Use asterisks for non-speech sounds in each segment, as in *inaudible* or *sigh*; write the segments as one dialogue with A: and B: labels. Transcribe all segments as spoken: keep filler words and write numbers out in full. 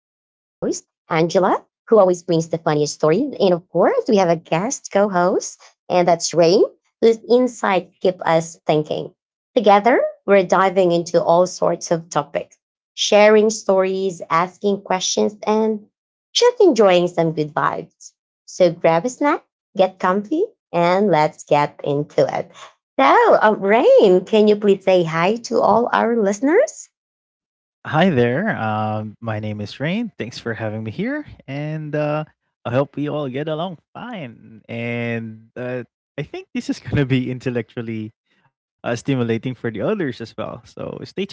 A: Angela, who always brings the funniest stories. And of course, we have a guest co host, and that's Rain, whose insight keep us thinking. Together, we're diving into all sorts of topics, sharing stories, asking questions, and just enjoying some good vibes. So grab a snack, get comfy, and let's get into it. So, um, Rain, can you please say hi to all our listeners?
B: Hi there. Um, my name is Rain. Thanks for having me here, and uh, I hope we all get along fine. And uh, I think this is going to be intellectually uh, stimulating for the others as well. So stay tuned.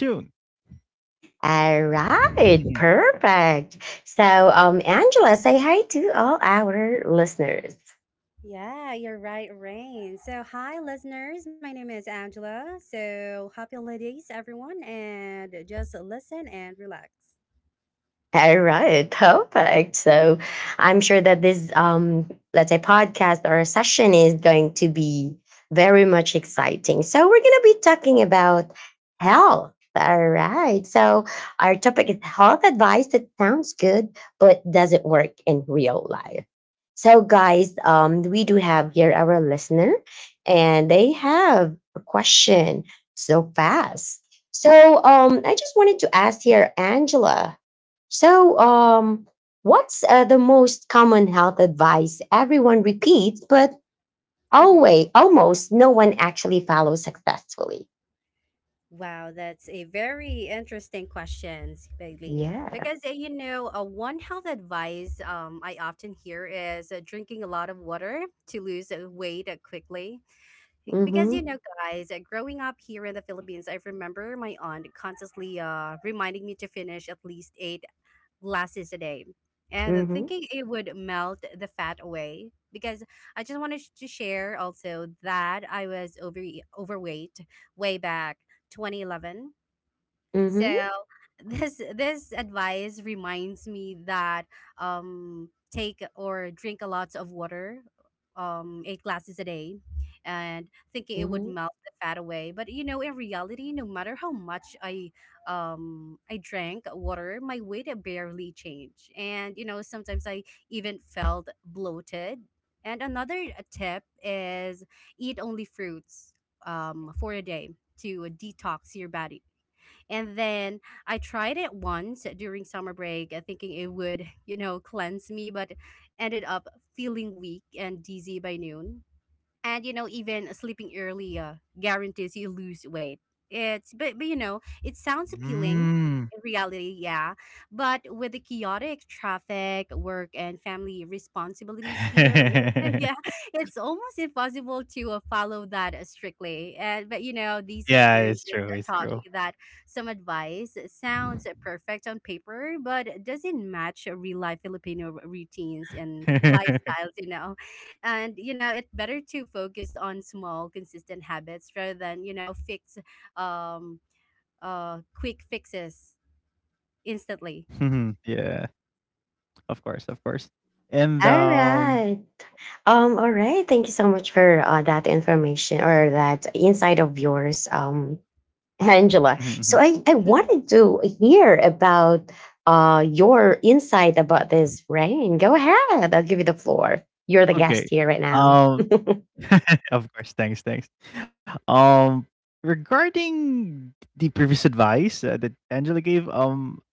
A: All
B: Mhm.
A: right, perfect. So, um, Angela, say hi to all our listeners.
C: Yeah, you're right, Rain. So, hi, listeners. My name is Angela. So, happy holidays, everyone, and just listen and relax.
A: All right, perfect. So I'm sure that this, um, let's say, podcast or session is going to be very much exciting. So we're going to be talking about health. All right. So our topic is health advice that sounds good, but doesn't work in real life. So, guys, um, we do have here our listener, and they have a question so fast. So, um, I just wanted to ask here, Angela, so, um, what's uh, the most common health advice everyone repeats, but always,
C: Mm-hmm.
A: almost no one actually follows successfully?
C: Wow, that's a very interesting question, Bailey.
A: Yeah.
C: Because, uh, you know, uh, one health advice um, I often hear is uh, drinking a lot of water to lose uh, weight uh, quickly. Because
A: Mm-hmm.
C: you know, guys, uh, growing up here in the Philippines, I remember my aunt constantly uh, reminding me to finish at least eight glasses a day and
A: Mm-hmm.
C: thinking it would melt the fat away. Because I just wanted to share also that I was over overweight way back twenty eleven.
A: Mm-hmm.
C: So, *laughs* this this advice reminds me that um take or drink a lot of water, um eight glasses a day, and thinking it would
A: Mm-hmm.
C: melt the fat away. But you know, in reality, no matter how much I um I drank water, my weight barely changed, and you know, sometimes I even felt bloated. And another tip is eat only fruits um, for a day to detox your body. And then I tried it once during summer break, uh, thinking it would, you know, cleanse me, but ended up feeling weak and dizzy by noon. And you know, even sleeping early uh, guarantees you lose weight. It's but, but you know, it sounds appealing
B: Mm.
C: in reality, yeah, but with the chaotic traffic, work, and family responsibilities here, it's- *laughs* yeah,
B: *laughs*
C: it's almost impossible to uh, follow that uh, strictly. And but you know, these
B: yeah, it's
C: experiences
B: true. It's
C: taught me
B: true.
C: that some advice sounds perfect on paper but doesn't match real life Filipino routines and
B: *laughs*
C: lifestyles, you know. And you know, it better to focus on small consistent habits rather than, you know, fix um uh quick fixes instantly.
B: Mhm. Yeah, of course, of course. And
A: All
B: um,
A: right. Um, all right. Thank you so much for uh, that information or that insight of yours, um,
B: *laughs* mhm,
A: Angela.
B: mhm.
A: So I, I wanted
C: *laughs*
A: to hear about uh, your insight about this rain. Go ahead. I'll give you the floor. You're the guest
B: Okay.
A: here right now.
B: Um, *laughs* of course. Thanks, thanks. Um, regarding the previous advice uh, that Angela gave, um,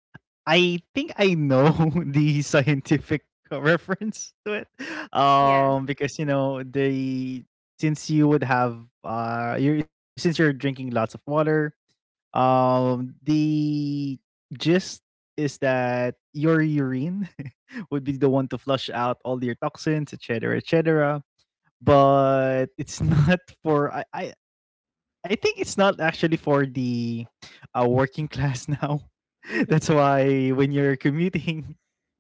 B: I think I know *laughs* the scientific *laughs* reference to it.
C: Yeah.
B: Um, because you know the since you would have uh, you since you're drinking lots of water, um, the gist is that your urine *laughs* would be the one to flush out all your toxins, et cetera, etc, but it's *laughs* not for I I, I think it's not actually for the uh, working class now. *laughs*
C: Mm-hmm.
B: That's why when you're commuting,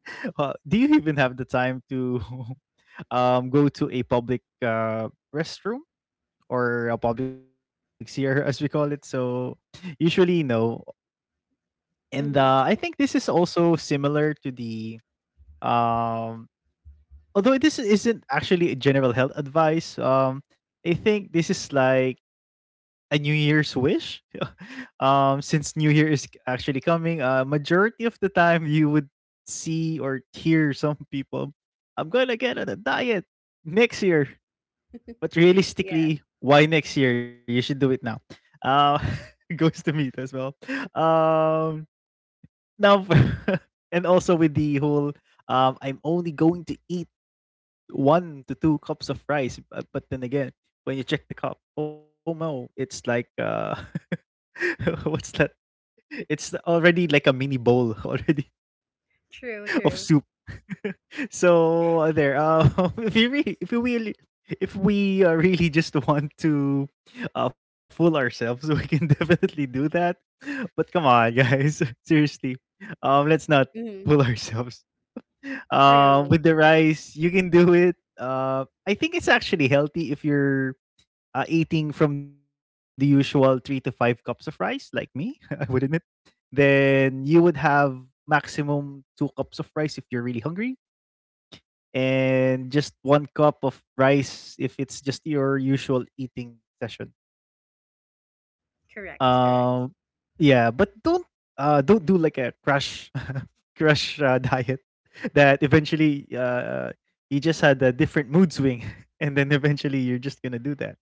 B: *laughs* uh, do you even have the time to *laughs* um, go to a public uh, restroom or a public seer, *laughs* as we call it? So usually, no. And
C: Mm-hmm.
B: uh, I think this is also similar to the um, although this isn't actually a general health advice. Um, I think this is like a New Year's wish. *laughs* um, since New Year is actually coming, uh, majority of the time you would see or hear some people, I'm gonna get on a diet next year. But
C: Yeah.
B: realistically, why next year? You should do it now. Uh, *laughs* goes to meat as well. Um, now, *laughs* and also with the whole, um, I'm only going to eat one to two cups of rice. But, but then again, when you check the cup, oh no, it's like uh, *laughs* what's that? It's already like a mini bowl *laughs* already
C: True,
B: of
C: true.
B: soup. *laughs* so uh, there. Um, *laughs* if you re- if we really, if we uh, really just want to uh, fool ourselves, we can *laughs* definitely do that. But come on, guys, *laughs* seriously, um, let's not
C: Mm-hmm.
B: fool ourselves. Uh,
C: True.
B: with the rice, you can do it. Uh, I think it's actually healthy if you're uh, eating from the usual three to five cups of rice, like me. *laughs* I would admit then you would have maximum two cups of rice if you're really hungry and just one cup of rice if it's just your usual eating session.
C: Correct,
B: um
C: correct.
B: yeah, but don't uh don't do like a crash *laughs* crash uh, diet that eventually uh you just had a different mood swing. *laughs* And then eventually you're just gonna do that.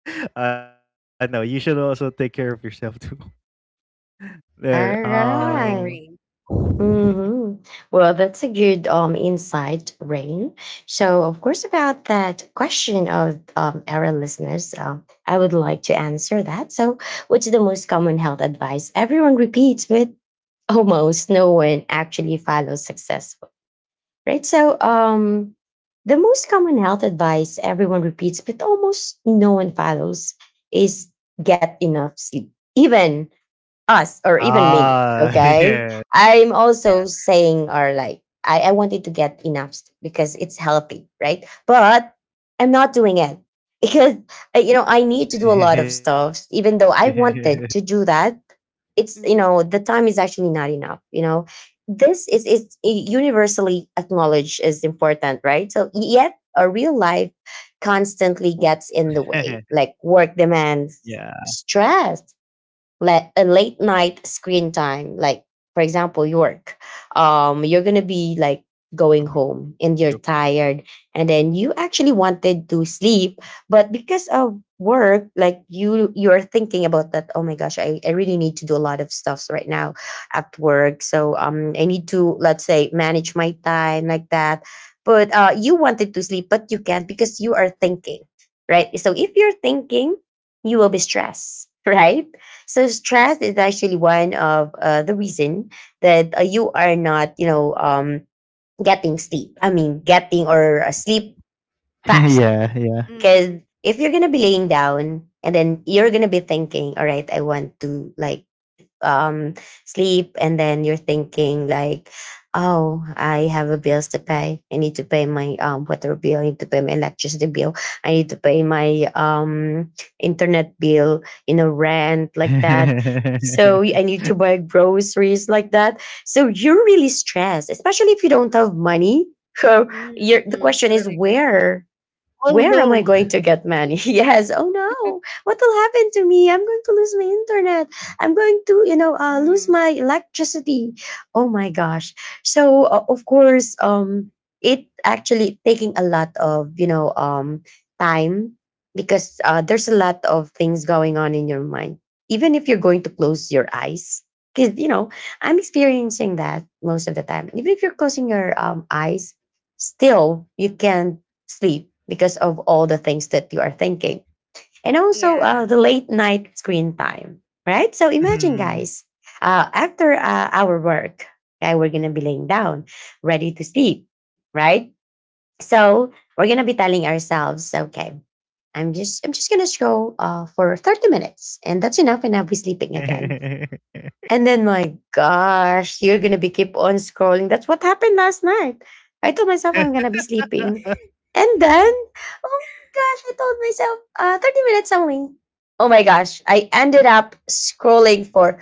B: *laughs* uh No, you should also take care of yourself too. *laughs* there
A: All
C: Totally
B: um
A: right.
C: agree.
B: *laughs*
A: Mhm. Well, that's a good um, insight, Rain. So, of course, about that question of um, our listeners, um, I would like to answer that. So, what's the most common health advice everyone repeats, but *laughs* almost no one actually follows successfully? Right. So, um, the most common health advice everyone repeats, but almost no one follows, is get enough sleep, even us or even me,
B: Ah, *laughs*
A: okay.
B: yeah.
A: I'm also
C: Yeah.
A: saying or like I, I wanted to get enough s- because it's healthy, right? But I'm not doing it *laughs* because uh, you know, I need to do a lot of stuff even though
B: *laughs*
A: I wanted to do that. It's, you
C: Mm-hmm.
A: know, the time is actually not enough, you know. This is is universally acknowledged as important, right? So yet our real life constantly gets in the way, like work demands,
B: Yeah.
A: stress, let a late night screen time. Like, for example, you work, um, you're gonna be like
B: Mhm,
A: going
B: mhm.
A: home and
B: True.
A: you're tired, and then you actually wanted to sleep. But because of work, like you you're thinking about that, oh my gosh, I, I really need to do a lot of stuffs right now at work. So um, I need to, let's say, manage my time like that. But uh, you wanted to sleep but you can't because you are thinking. Right? So if you're thinking, you will be stressed. *laughs* Right? So stress is actually one of uh, the reason that uh, you are not, you know, um, getting sleep. I mean, getting or uh, sleep
B: *laughs*
A: fast.
B: Yeah, yeah.
C: Mm-hmm.
A: Because if you're gonna be laying down and then you're gonna be thinking, all right, I want to like um, sleep and then you're thinking like, oh, I have a bills to pay. I need to pay my um, water bill. I need to pay my electricity bill. I need to pay my um, internet bill, you know, rent like that. So I
B: *laughs*
A: need to buy groceries like that. So you're really stressed especially if you don't have money. *laughs* So you're, the
C: Mm-hmm.
A: question is,
C: Totally agree.
A: where
B: Oh,
A: where am I
B: no.
A: going to get money? *laughs* Yes. Oh no. What will happen to me? I'm going to lose my internet. I'm going to, you know,
C: Mm-hmm.
A: uh, lose my electricity. Oh my gosh. So uh, of course, um, it actually taking a lot of, you know, um, time because uh, there's a lot of things going on in your mind. Even if you're going to close your eyes, because, you know, I'm experiencing that most of the time. Even if you're closing your um, eyes, still you can sleep because of all the things that you are thinking. And also
C: Yeah.
A: uh, the late night screen time, right? So imagine, guys,
B: Mhm.
A: uh, after uh, our work, okay, we're going to be laying down, ready to sleep, right? So we're going to be telling ourselves, okay, I'm just I'm just gonna show uh, for thirty minutes and that's enough and I'll be sleeping again. And then, my gosh, you're gonna be keep on scrolling. That's what happened last night. I told myself
C: *laughs*
A: I'm gonna be
B: *laughs*
A: sleeping. And then, oh my gosh, I told myself uh, thirty minutes only. Oh my gosh, I ended up scrolling for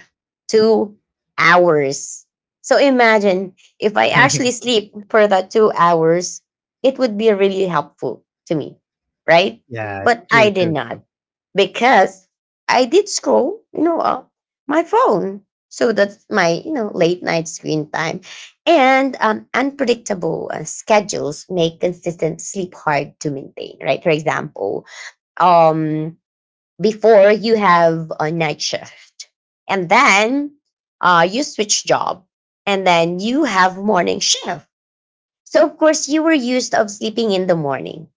A: two hours. So imagine if I actually sleep for that two hours, it would be really helpful to me, right?
C: Mm-hmm.
A: But
B: Yeah,
A: I did
B: true, true,
A: not
B: true.
A: because I did scroll, you know, uh, my phone. So that's my, you know, late night screen time. And um, unpredictable uh, schedules make consistent sleep hard to maintain, right? For example, um, before you have a night shift, and then uh, you switch job and then you have morning shift. So, of course, you were used of sleeping in the morning.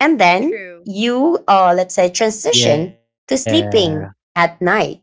A: And then you, uh, let's say, transition to
B: Yeah.
A: sleeping at night.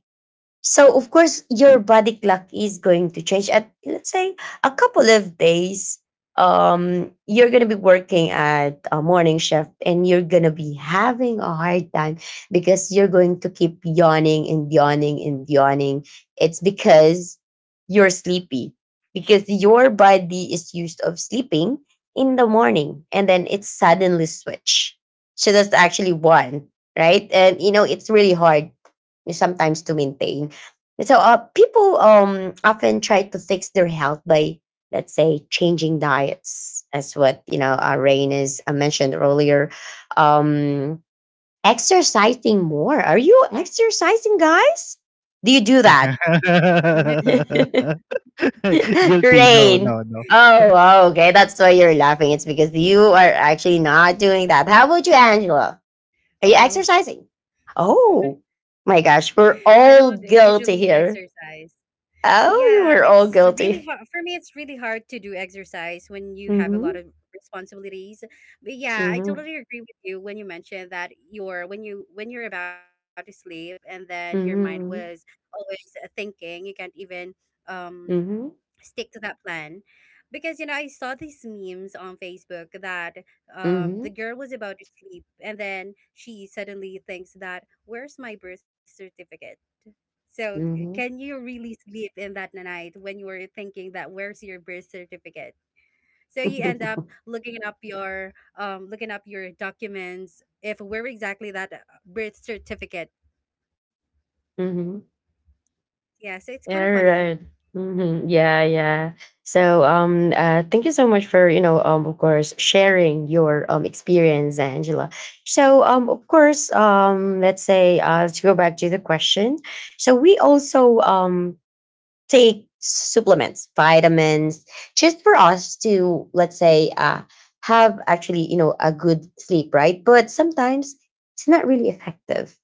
A: So of course your body clock is going to change at, let's say, a couple of days. Um, you're going to be working at a morning shift and you're going to be having a hard time because you're going to keep yawning and yawning and yawning. It's because you're sleepy, because your body is used of sleeping in the morning and then it suddenly switch. So that's actually one, right? And you know it's really hard sometimes to maintain. So, uh, people um, often try to fix their health by, let's say, changing diets. That's what, you know, uh, Rain is uh, mentioned earlier. Um, exercising more. Are you exercising, guys? Do you do that, *laughs*
B: *laughs*
C: *laughs*
B: Guilty. No,
A: Rain?
B: no, no.
A: Oh, okay. That's why you're laughing. It's because you are actually not doing that. How about you, Angela? Are you
C: Oh, no.
A: exercising? Oh my
C: *laughs*
A: gosh,
C: I
A: we're
C: don't
A: all
C: usually
A: guilty here.
C: exercise. Yeah,
A: Oh, you
C: it's
A: were all
C: really hard
A: guilty.
C: for me. It's really hard to do exercise when you have a lot
A: Mm-hmm.
C: of responsibilities. But yeah, I
A: Mm-hmm.
C: totally agree with you when you mentioned that you're when you when you're about to sleep and then your mind
A: Mm-hmm.
C: was always thinking. You can't even um
A: Mm-hmm.
C: stick to that plan. Because you know, I saw these memes on Facebook that um
A: Mm-hmm.
C: the girl was about to sleep and then she suddenly thinks that, where's my birth certificate? So, c-
A: Mm-hmm.
C: can you really sleep in that night when you were thinking that where's your birth certificate? So you end
A: *laughs*
C: up looking up your um looking up your documents if where exactly that uh, birth certificate.
A: Mm-hmm.
C: Yeah, so it's kind of
A: All
C: funny.
A: right. Mm-hmm. Yeah, yeah. So, um, uh, thank you so much for you know, um, of course, sharing your um, experience, Angela. So, um, of course, um, let's say uh, to go back to the question. So we also um, take supplements, vitamins, just for us to, let's say, uh, have actually, you know, a good sleep, right? But sometimes it's not really effective,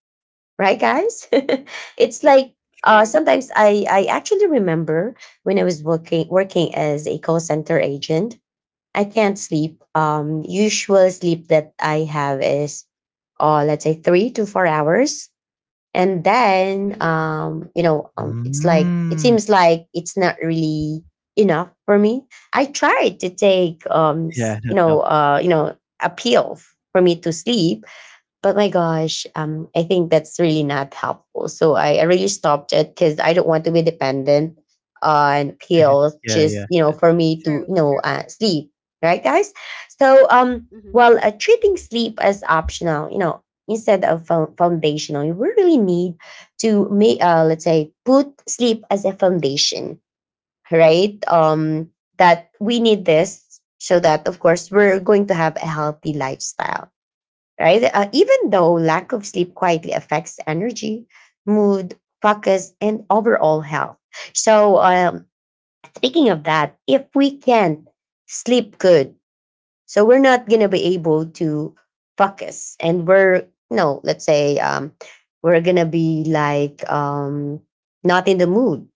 A: right, guys? *laughs* It's like uh,
C: True.
A: sometimes I, I actually remember when I was working working as a call center agent, I can't sleep. Um, usual sleep that I have is, uh, let's say, three to four hours and then
C: Hmm.
A: um, you know, um, it's like it
B: Mm.
A: seems like it's not really enough for me. I tried to take um, s-
B: Yeah,
A: you
B: not
A: know,
B: enough.
A: uh, you know, a pill for me to sleep. But my gosh, um, I think that's really not helpful. So I, I really stopped it because I don't want to be dependent on
B: *laughs*
A: pills
B: Yeah,
A: just,
B: yeah.
A: you know, for me to,
C: True.
A: you know,
C: True.
A: uh, sleep. Right, guys? So um,
C: Hmm.
A: while uh, treating sleep as optional, you know, instead of fo- foundational, we really need to make, uh, let's say, put sleep as a foundation, right? Um, that we need this so that, of course, we're going to have a healthy lifestyle, right? Uh, even though lack of sleep quietly affects energy, mood, focus, and overall health. So, um, speaking of that, if we can't sleep good, so we're not gonna be able to focus, and we're no, let's say um, we're gonna be like um, not in the mood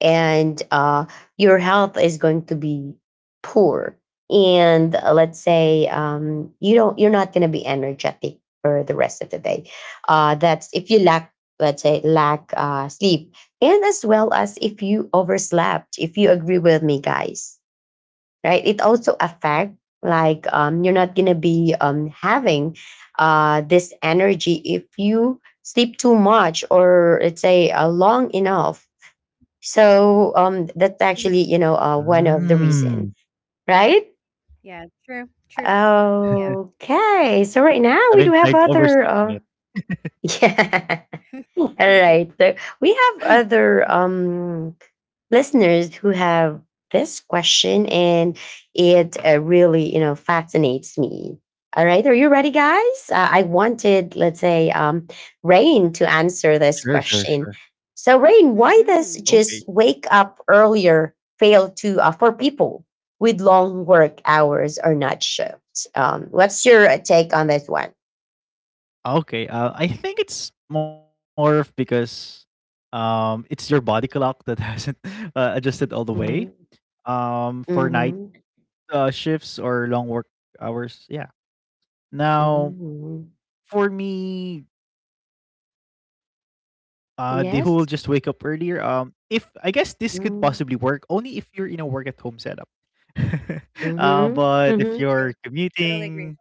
A: and uh, your health is going to be poor and uh, let's say um, you don't you're not going to be energetic for the rest of the day, uh, that's if you lack, let's say, lack uh, sleep and as well as if you overslept, if you agree with me, guys, right? It also affects like um, you're not going to be um, having uh, this energy if you sleep too much or let's say uh, long enough. So um, that's actually,
C: Hmm.
A: you know, uh, one of the reason,
B: Mm.
A: right?
C: Yeah. True. True. Yeah.
A: Okay, so right now we do have
B: Haven't
A: other.
B: tried
A: Uh,
B: overstepping it.
A: *laughs* yeah, all right. So
B: *gasps* *laughs*
A: we have other um, listeners who have this question, and it uh, really, you know, fascinates me. All right, are you ready, guys? Uh, I wanted, let's say, um, Rain to answer
B: Sure,
A: this
B: sure, sure.
A: question. So, Rain, why does
C: Hmm.
B: Okay.
A: just wake up earlier fail to uh, for people with long work hours or night shifts? Um, what's your uh, take on this one?
B: Okay, uh, I think it's more of because um, it's your body clock that hasn't *laughs* uh, adjusted all the way
A: Mhm.
B: um, for night
A: Mhm.
B: uh, shifts or long work hours. Yeah. Now,
A: Mhm.
B: for me, uh, the whole just wake up earlier.
A: Yes.
B: Um, if I guess this could possibly work
A: Mm.
B: only if you're in a work at home setup. *laughs* uh,
A: Mhm.
B: but if
A: Mhm.
B: you're
C: True. Totally agree.
B: commuting,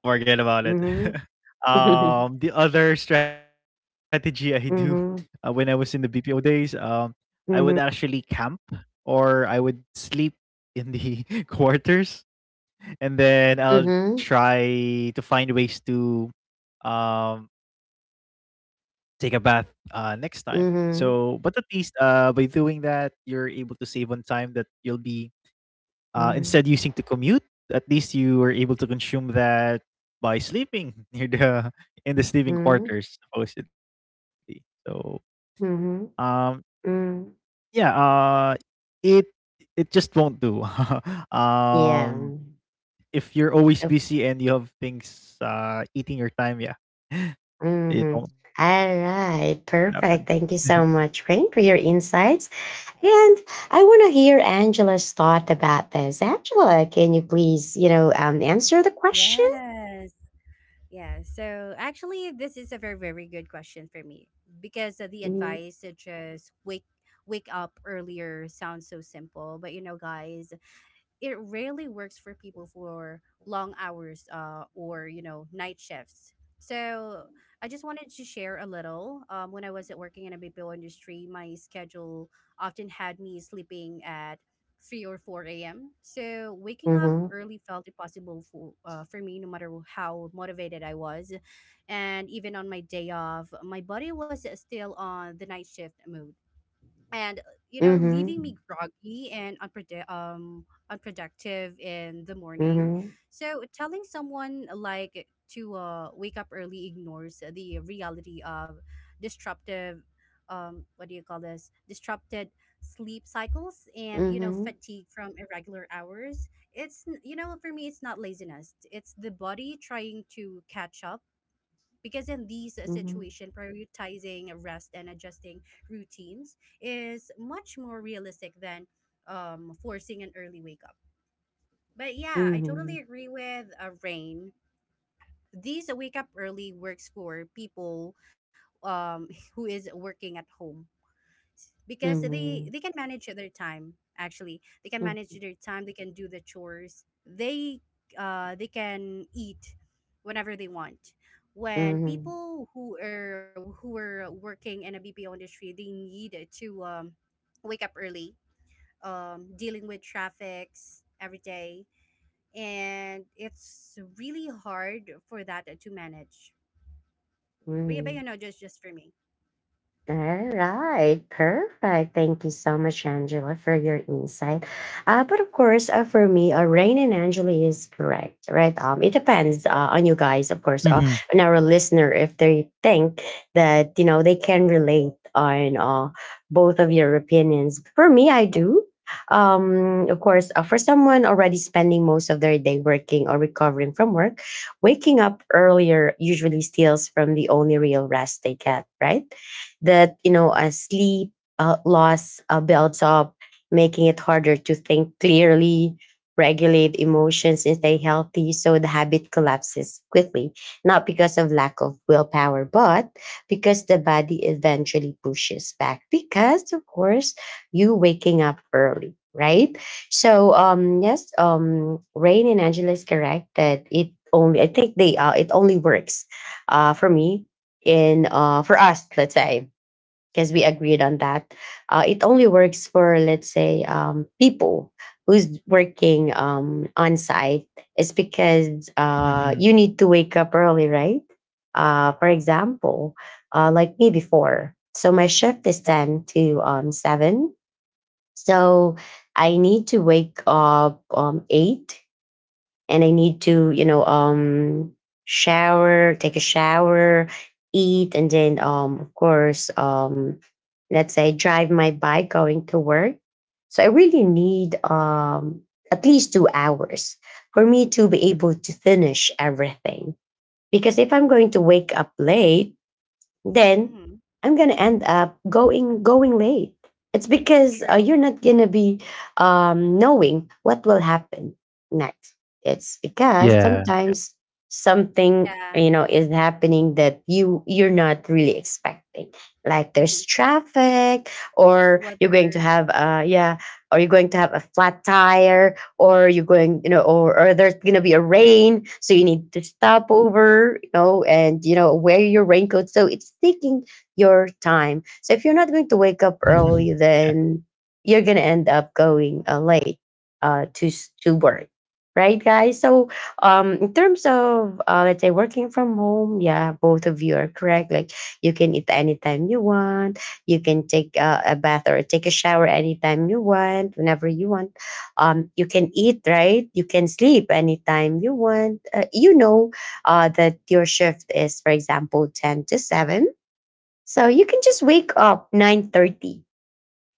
B: forget about it.
A: Mhm.
B: *laughs*
A: Mhm.
B: um, the other strategy I do uh, when I was in the
A: Mhm.
B: B P O days, um, I would actually
A: Mhm.
B: camp or I would sleep in the *laughs* quarters, and then I'll
A: Mhm.
B: try to find ways to um, take a bath uh, next time. So, but at
A: Mhm.
B: least uh, by doing that, you're able to save on time that you'll be uh, instead using to commute, at least you were able to consume that by sleeping *laughs* near the in the sleeping
A: Mhm.
B: quarters supposedly. So um
A: Mhm. Mm.
B: yeah, uh it it just won't do. *laughs* um
A: Yeah.
B: if you're always
A: Yep.
B: busy and you have things uh eating your time, yeah. *laughs* It
A: Mhm.
B: won't happen.
A: All
B: *laughs*
A: right. Perfect. Thank you so much, Rain, for your insights. And I want to hear Angela's thought about this. Angela, can you please, you know, um, answer the question?
C: Yes. Yeah. So actually, this is a very, very good question for me because uh, the
A: Mhm.
C: advice such as wake wake up earlier sounds so simple. But you know, guys, it rarely works for people for long hours, uh, or you know, night shifts. So I just wanted to share a little. Um, when I was at working in a B P O industry, my schedule often had me sleeping at three or four a m, so waking up
A: Mhm.
C: early felt impossible for, uh, for me no matter how motivated I was. And even on my day off, my body was still on the night shift mode. And uh, you know,
A: Mhm.
C: leaving me groggy and unpredi- um, unproductive in the morning.
A: Mhm.
C: So telling someone like to uh, wake up early ignores the reality of disruptive um, what do you call this disrupted sleep cycles. And you know,
A: Mhm.
C: fatigue from irregular hours, it's n- you know, for me, it's not laziness, it's the body trying to catch up. Because in these uh, situation, prioritizing rest and adjusting routines is much more realistic than um, forcing an early wake up. But yeah, I totally
A: Mhm.
C: agree with uh, Rain. These wake up early works for people, um, *laughs* who is working at home. Because they
A: Mhm.
C: they can manage their time. Actually, they can manage
A: Mhm.
C: their time, they can do the chores, they uh they can eat whenever they want. When
A: Mhm.
C: people who are who are working in a B P O industry, they need to um, wake up early, um dealing with traffics every day. And it's really hard for that to manage. But, yeah, but
A: Mhm.
C: you know, just just for me.
A: All right, perfect. Thank you so much, Angela, for your insight. Uh, but of course, uh, for me, uh, Rain and Angela is correct, right? Um, it depends uh, on you guys, of course, uh,
B: Mhm,
A: on our listener if they think that you know they can relate on uh, both of your opinions. For me, I do. Um, of course, uh, for someone already spending most of their day working or recovering from work, waking up earlier usually steals from the only real rest they get, right? That you know a sleep uh, loss uh, builds up, making it harder to think clearly, regulate emotions, and stay healthy, so the habit collapses quickly, not because of lack of willpower but because the body eventually pushes back because of course you waking up early, right? So um yes, um Rain and Angela is correct that it only, I think they uh it only works uh for me in uh for us, let's say, because we agreed on that. Uh, it only
C: Mm-hmm.
A: works for, let's say, um, people who's working um, on site. It's because uh,
B: mhm.
A: you need to wake up early, right? Uh, for example, uh, like me before. So my shift is ten to um, seven. So I need to wake up um, eight, and I need to, you know, um, shower, take a shower, eat, and then, um, of course, um, let's say, drive my bike going to work. So I really need um, at least two hours for me to be able to finish everything. Because if I'm going to wake up late, then
C: Mm-hmm.
A: I'm gonna end up going going late. It's because uh, you're
C: True.
A: not gonna be um, knowing what will happen next. It's because
B: Yeah.
A: sometimes something, you
C: Yeah.
A: know, is happening that you you're not really expecting. Like there's
C: Mm-hmm.
A: traffic, or you're going to have
C: Weather.
A: uh yeah, or you're going to have a flat tire, or you're going, you know, or, or there's going to be a rain, so you need to stop over, you know, and, you know, wear your raincoat. So it's taking your time. So if you're not going to wake up early,
B: *laughs* Yeah. *laughs*
A: then you're going to end up going uh, late uh, to, s- to work. Right, guys? So, um, in terms of, uh, let's say, working from home, yeah, both of you are correct. Like, you can eat anytime you want. You can take uh, a bath or take a shower anytime you want, whenever you want, um, you can eat, right? You can sleep anytime you want, uh, you know uh, that your shift is, for example, ten to seven, so you can just wake up nine thirty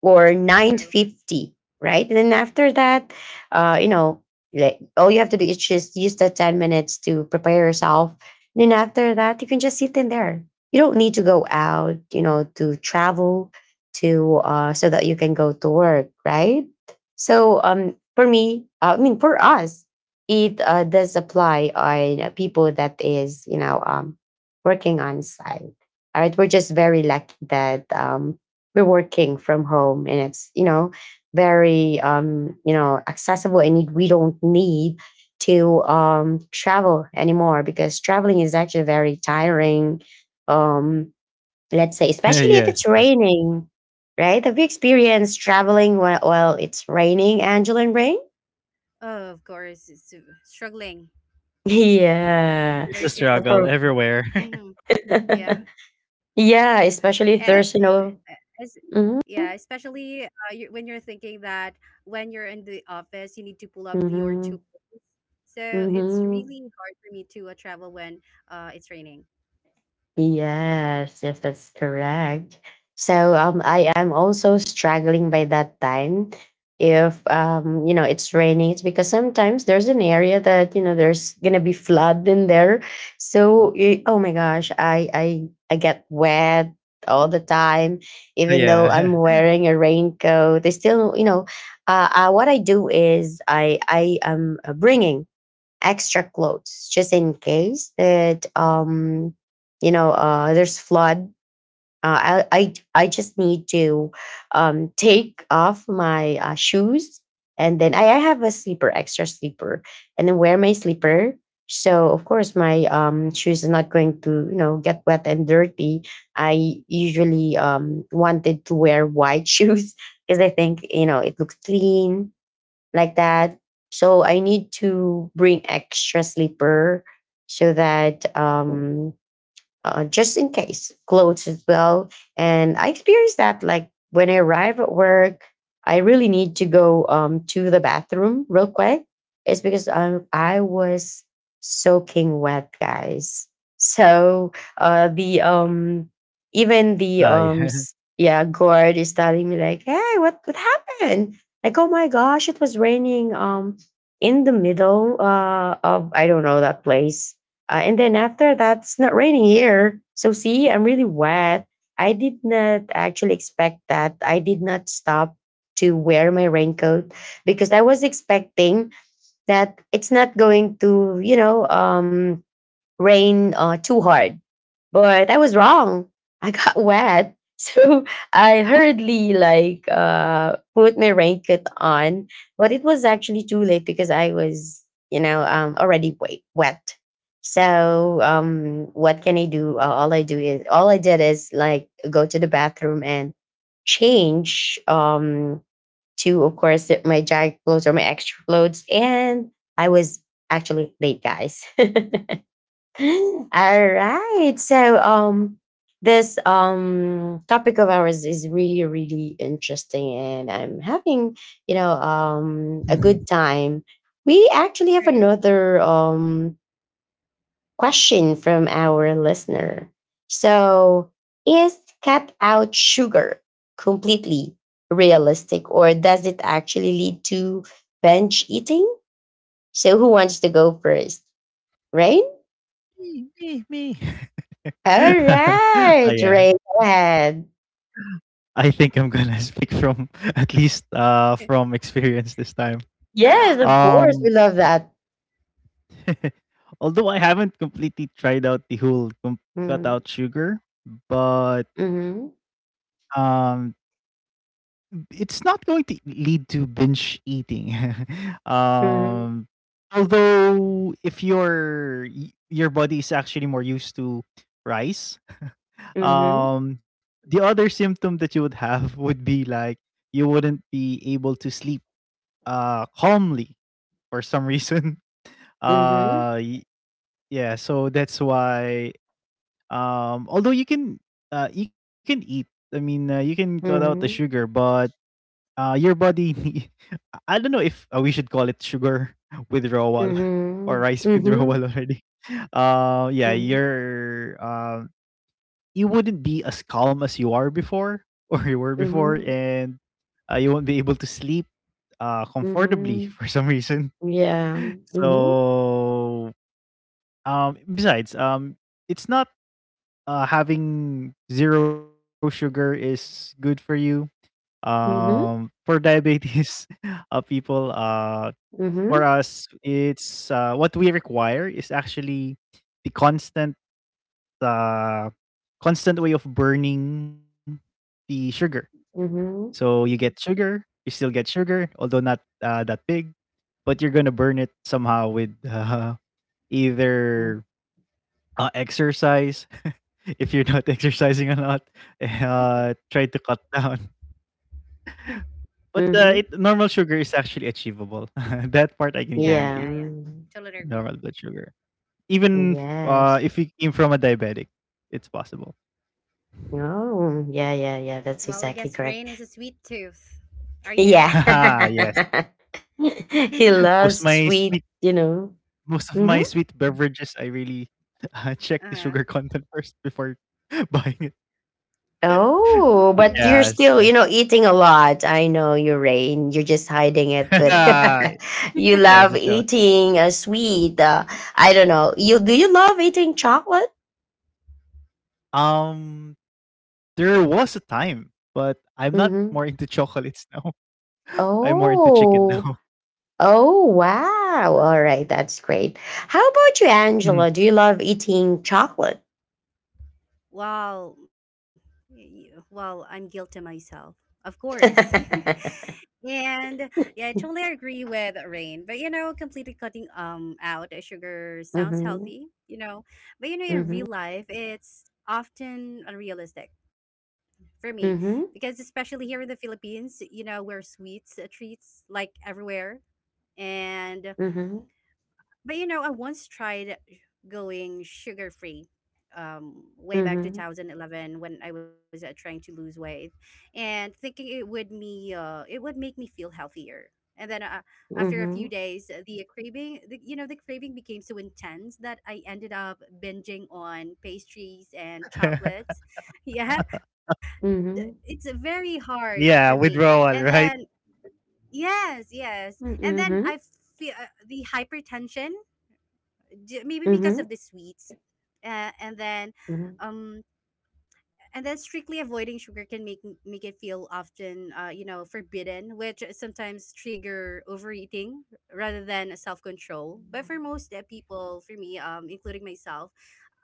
A: or
C: True.
A: nine fifty, right? And then after that, uh you know like all you have to do is just use the ten minutes to prepare yourself, and then after that you can just sit in there. You don't need to go out, you know, to travel to uh so that you can go to work, right? So um for me, uh, I mean, for us, it uh, does apply on uh, people that is, you know, um working on site. All right, we're just very lucky that um we're working from home, and it's, you know, very um you know accessible, and we don't need to um travel anymore, because traveling is actually very tiring. um let's say, especially if
B: Yes,
A: it's
B: yes.
A: raining, right? Have you experienced traveling while, while it's raining, Angela and Rain?
C: Oh, of course, it's uh, struggling,
A: *laughs* Yeah.
B: It's a
C: very
A: So
B: struggle
A: for-
C: difficult.
B: everywhere. *laughs*
C: Hmm.
A: *laughs*
C: Yeah,
A: yeah,
C: *laughs* and
A: especially if there's, you
C: uh,
A: know.
C: as,
A: Hmm.
C: yeah, especially, uh, you, when you're thinking that when you're in the office, you need to pull up your
A: Hmm.
C: tools. So it's
A: Hmm.
C: really hard for me to uh, travel when uh, it's raining.
A: Yes, yes, that's correct. So um, I am also struggling by that time. If, um, you know, it's raining, it's because sometimes there's an area that, you know, there's gonna be flood in there. So it, oh my gosh, I I I get wet all the time.
B: Yeah.
A: Even
B: *laughs*
A: though I'm wearing a raincoat, they still, you know, uh, uh, what I do is I I am uh, bringing extra clothes just in case that um you know uh there's flood. Uh, I, I i just need to um take off my uh, shoes, and then I, I have a sleeper, extra sleeper, and then wear my sleeper, so of course my um shoes are not going to, you know, get wet and dirty. I usually um wanted to wear white *laughs* shoes because I think, you know, it looks clean like that. So I need to bring extra sleeper so that Mm. um, uh, just in case clothes as well. And I experienced that, like when I arrive at work, I really need to go um, to the bathroom real quick. It's because, um, I was soaking wet, guys. So uh, the um
B: Ah,
A: even
B: yeah.
A: the
B: *laughs*
A: um s- yeah, guard is telling me like, hey, what what happened, like, oh my gosh, it was raining um in the middle uh of I don't know that place. Uh, and then after that, it's not raining here. So see, I'm really wet. I did not actually expect that. I did not stop to wear my raincoat because I was expecting that it's not going to, you know, um, rain uh, too hard, but I was wrong. I got *laughs* wet. So I hurriedly like uh put my raincoat on, but it was actually too late because I was, you know, um already wet. wet. So um what can I do? Uh, all I do is all I did is, like, go to the bathroom and change um to, of course, my jacket clothes or my extra clothes, and I was actually late, guys. *laughs* *laughs* All right. So um this um topic of ours is really really interesting, and I'm having, you know, um
B: Mhm.
A: a good time. We actually have
C: True.
A: another um question from our listener. So, is cut out sugar completely realistic, or does it actually lead to binge eating? So, who wants to go first, right?
B: "Me, me, me."
A: All
B: *laughs* Ah,
A: right,
B: yeah.
A: Ray, ahead.
B: I think I'm gonna speak from *laughs* at least uh from experience this time.
A: Yes,
C: Uh
A: of
C: huh.
A: course, we
B: Um,
A: love that.
B: *laughs* although I haven't completely tried out the whole com- cut
A: Mm,
B: out sugar, but
A: Mm-hmm.
B: um, it's not going to lead to binge eating. *laughs*
A: Mm-hmm.
B: um, although if your y- your body is actually more used to rice, um, the other symptom that you would have would be like you wouldn't be able to sleep uh calmly for some reason. *laughs*
A: Mm-hmm.
B: Uh y- yeah, so that's why um although you can uh you can eat. I mean, uh, you can cut out the sugar,
A: Mm-hmm.
B: but uh your body nee- *laughs* I don't know if uh, we should call it sugar *laughs* withdrawal *laughs* or
A: Mm-hmm.
B: rice withdrawal
A: Mm-hmm.
B: already. *laughs* Uh yeah,
A: Mm-hmm. Mm-hmm.
B: you're um you wouldn't be as calm as you are before *laughs* or you were before
A: Mm-hmm.
C: Hmm.
B: and uh, you won't be able to sleep uh, comfortably *laughs*
A: Mm-hmm.
B: for some reason.
A: Yeah. Mm-hmm.
B: So, um, besides, um, it's not uh, having zero sugar is good for you. Um, for
A: Mm-hmm.
B: diabetes *laughs* uh, people, uh, for
A: Mm-hmm.
B: us, it's uh, what we require is actually the constant, uh, constant way of burning the sugar. So
A: Mm-hmm.
B: you get
C: Hmm.
B: sugar, you still get sugar, although not uh, that big, but you're gonna burn it somehow with uh, *laughs* either Uh, exercise. *laughs* If you're not *laughs* exercising a lot, uh,
C: *laughs*
B: try to cut down. But uh,
A: Mm-hmm.
B: it, normal sugar is actually achievable. *laughs* That part I can
C: Yeah,
A: Yeah.
B: guarantee.
C: yeah, yeah.
A: mm,
C: Totally
B: Normal
C: agree.
B: blood sugar. Even uh,
A: Yes.
B: if you came from a diabetic, it's possible.
A: Oh, yeah, yeah, yeah. That's
C: Well, I
A: exactly
C: guess
A: correct.
C: Rain is a sweet tooth. Are you?
A: Yeah.
B: *laughs* Haha, yes.
A: *laughs* He
C: *laughs*
B: Most
A: loves
B: my
A: sweet,
B: sweet,
A: you know.
B: most of my
A: Mm-hmm.
B: sweet beverages, I really *laughs* uh, check
C: Uh
B: the
C: huh.
B: sugar content first before *laughs* buying it. *laughs*
A: Oh,
B: but
A: but
C: Oh.
A: you're
B: Yes,
A: still, you
B: yes.
A: know, eating a lot. I know you, Rain. You're just hiding it,
B: *laughs*
A: but
C: Hmm.
B: It
A: *laughs* you
C: *laughs*
A: love
B: shows, it shows.
A: eating a sweet. Uh, I don't know. You do you love eating chocolate?
B: Um, there was a time, but I'm not
A: Mm-hmm.
B: more into chocolates now. *laughs* I'm more into chicken
A: Oh,
B: now.
A: oh, wow. All right, that's great. How about you, Angela? Do you
B: Mhm.
A: love eating chocolate?
C: Well, y- well, I'm guilty myself, of course.
A: *laughs*
C: *laughs*
A: Mm-hmm.
C: And yeah, I totally agree with Rain. But you know, completely cutting um out sugar sounds healthy, you know. But you know, in
A: Mm-hmm.
C: real life, it's often unrealistic for me. Because
A: Mm-hmm.
C: especially here in the Philippines, you know, we're sweets, uh, treats like everywhere. And
A: Mm-hmm.
C: but you know, I once tried going sugar free um way back
A: Mm-hmm.
C: two thousand eleven when I was uh, trying to lose weight and thinking it would me uh it would make me feel healthier. And then uh, after a
A: Mm-hmm.
C: few days, uh, the craving the, you know, the craving became so intense that I ended up binging on pastries and
B: *laughs*
C: chocolates. *laughs* Yeah. d-
A: Mm-hmm.
C: It's uh, very
B: Y-
C: hard for
B: Yeah,
C: me.
B: withdrawal,
C: And
B: right?
C: then yes, yes. And then
A: Mm-hmm.
C: I feel uh, the hypertension, J- maybe because
A: Mm-hmm.
C: of the sweets, uh, and then um and then strictly avoiding sugar can make make it feel often uh, you know, forbidden, which sometimes trigger overeating rather than self-control. But for most uh, people, for me, um including myself,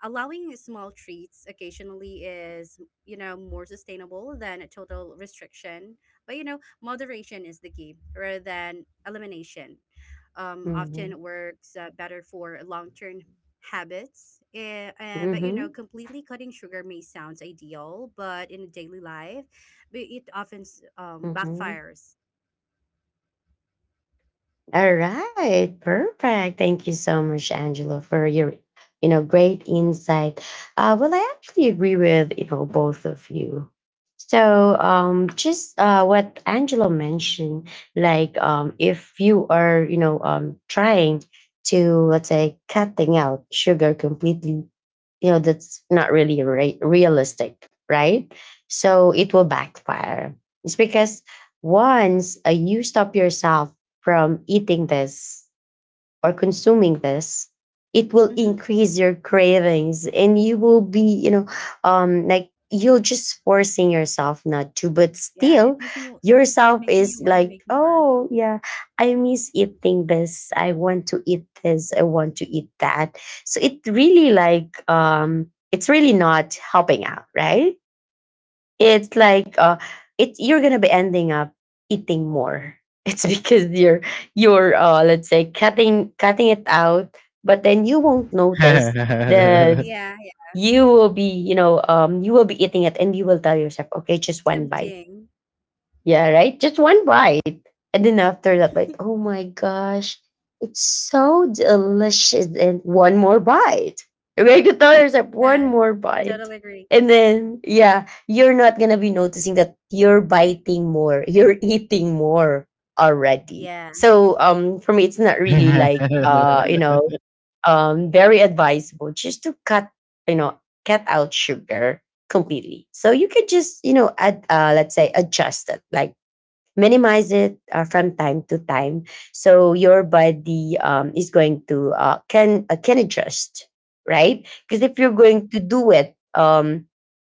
C: allowing small treats occasionally is, you know, more sustainable than a total restriction. But you know, moderation is the key rather than elimination, um,
A: Mm-hmm.
C: often works uh, better for long-term habits. Eh, uh, but you
A: Mm-hmm.
C: know, completely cutting sugar may sounds ideal, but in a daily life, but it often s- um,
A: Mm-hmm.
C: backfires.
A: All right. Perfect. Thank you so much, Angela, for your, you know, great insight. Uh, well, I actually agree with, you know, both of you. So um, just uh, what Angela mentioned, like um, if you are, you know, um, trying to, let's say, cutting out sugar completely, you know that's not really re- realistic, right? So it will backfire. It's because once uh, you stop yourself from eating this or consuming this, it will
C: Mm-hmm.
A: increase your cravings, and you will be, you know, um like you're just forcing yourself not to, but
C: Yeah, it
A: still
C: makes me it
A: yourself
C: it makes me
A: is
C: want to
A: like,
C: make more.
A: oh yeah, I miss eating this, I want to eat this, I want to eat that. So it really, like, um it's really not helping out, right? It's like uh it's you're gonna be ending up eating more *laughs* it's because you're you're uh let's say cutting cutting it out, but then you won't notice that
B: *laughs*
C: Yeah, yeah,
A: you will be, you know um you will be eating it, and you will tell yourself, okay, just one bite.
C: tempting.
A: Yeah, right? Just one bite. And then after that bite, oh my gosh, it's so delicious. And one more bite. Right? You tell yourself one
C: Yeah,
A: more bite.
C: totally agree.
A: And then, yeah, you're not going to be noticing that you're biting more, you're eating more already.
C: Yeah,
A: So, um, for me, it's not really
B: Yes,
A: like, uh, you know, um, very advisable just to cut, you know, cut out sugar completely. So you could just, you know, add, uh, let's say, adjust it like minimize it uh, from time to time, so your body um, is going to uh, can uh, can adjust, right? Because if you're going to do it um,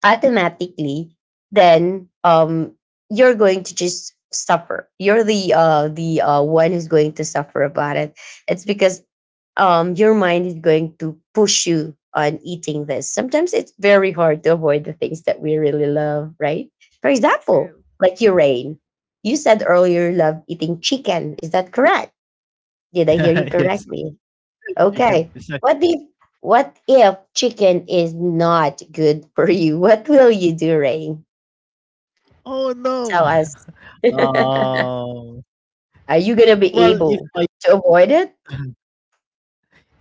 A: automatically, then um, you're going to just suffer. You're the uh, the uh, one who's going to suffer about it. It's because, um, your mind is going to push you on eating this. Sometimes it's very hard to avoid the things that we really love, right? For example,
C: true,
A: like your Rain. You said earlier you love eating chicken. Is that correct? Did I hear you correctly?
B: *laughs* chicken.
A: Okay.
B: It's like,
A: What if what if chicken is not good for you? *laughs* What will you do, Rain?
B: oh no.
A: Tell us.
B: *laughs*
A: *laughs*
B: Um,
A: Are you gonna be
B: well, if
A: able
B: I
A: to avoid it?
B: *clears throat* *laughs*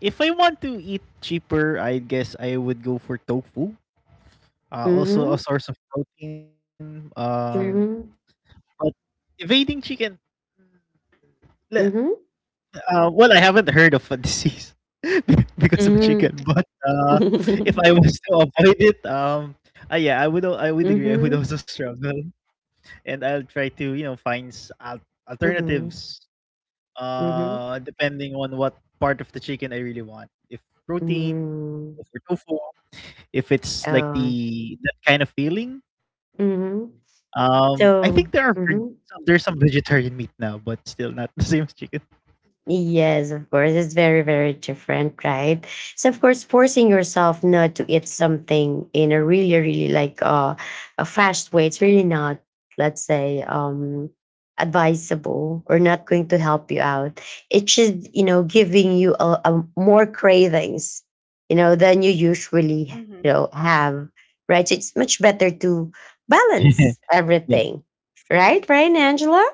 B: if I want to eat cheaper, I guess I would go for tofu. Uh,
A: Mm-hmm.
B: also a source of protein. Um,
C: true.
A: Mm-hmm.
B: but evading chicken.
A: Mm-hmm.
B: Uh, well, I haven't heard of a disease *laughs* be- because of a
A: Mm-hmm.
B: chicken, but uh, if I
A: *laughs*
B: was to avoid it, um, uh, yeah, I would. al- I would agree. I would
A: Mhm.
B: also struggle, and I'll try to you know find s- al-
A: Mhm.
B: alternatives,
A: Mhm.
B: uh, depending on what part of the chicken I really want. If protein,
A: Mm.
B: if for tofu, if it's
A: Oh.
B: like the that kind of feeling.
A: Mhm.
B: Um, I
A: So
B: think there are veg-
A: mhm.
B: some, there's some vegetarian meat now, but still not *laughs* the same as chicken.
A: Yes, of course. It's very, very different, right? So of course, forcing yourself not to eat something in a really, really like uh, a fast way, it's really not, let's say, um advisable or not going to help you out. It should, you know, giving you a, a more cravings, you know, than you usually, you know,
C: Mm-hmm.
A: have. Right. So it's much better to
B: *laughs*
A: balance
B: Yeah.
A: everything. Right,
C: True,
A: right,
C: true.
A: Angela?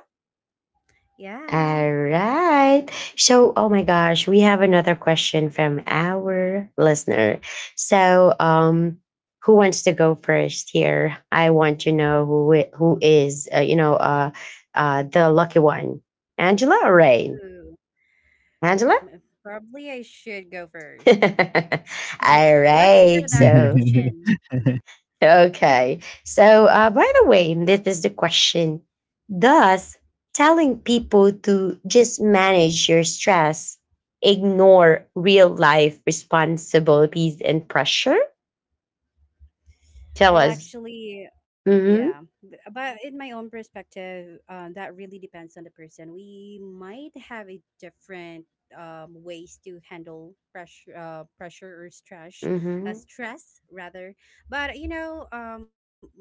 C: Yeah.
A: All right. So, oh my gosh, we have another question from our listener. So, um, who wants to go first here? I want to know who i- who is, uh, you know, uh, uh, the lucky one, Angela or Rain?
C: Ooh,
A: Angela.
C: m- probably I should go first.
A: *laughs* All
C: *laughs* Let's
A: right.
C: hear that
A: So,
C: question.
B: *laughs*
A: okay. So, uh, by the way, this is the question. Does telling people to just manage your stress ignore real life responsibilities and pressure? Tell
C: Well,
A: us.
C: actually, yeah.
A: Mm hmm.
C: B- But in my own perspective, uh, that really depends on the person. We might have a different um, ways to handle pressure, uh, pressure or stress,
A: Mm
C: uh,
A: hmm.
C: stress rather. But you know, um, my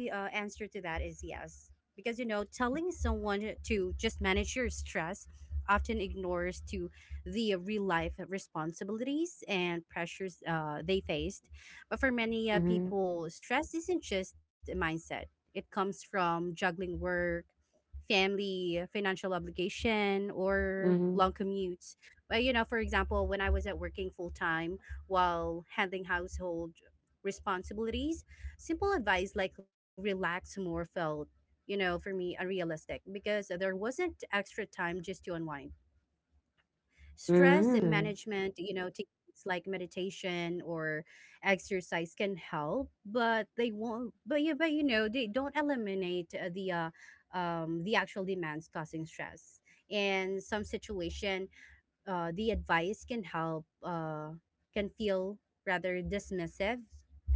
C: uh, answer to that is yes, because you know, telling someone to just manage your stress often ignores to the real life responsibilities and pressures uh, they faced. But for many uh, people, stress isn't just a mindset, it comes from juggling work, family, financial obligation,
A: Mm
C: or
A: hmm.
C: long commutes. But, you know, for example, when I was at working full time while handling household responsibilities, simple advice like relax more felt, you know, for me unrealistic because there wasn't extra time just to unwind. Stress
A: Mm hmm.
C: management, you know, techniques like meditation or exercise can help, but they won't. But yeah, but you know, they don't eliminate uh, the uh, um, the actual demands causing stress. In some situation, uh, the advice can help uh, can feel rather dismissive,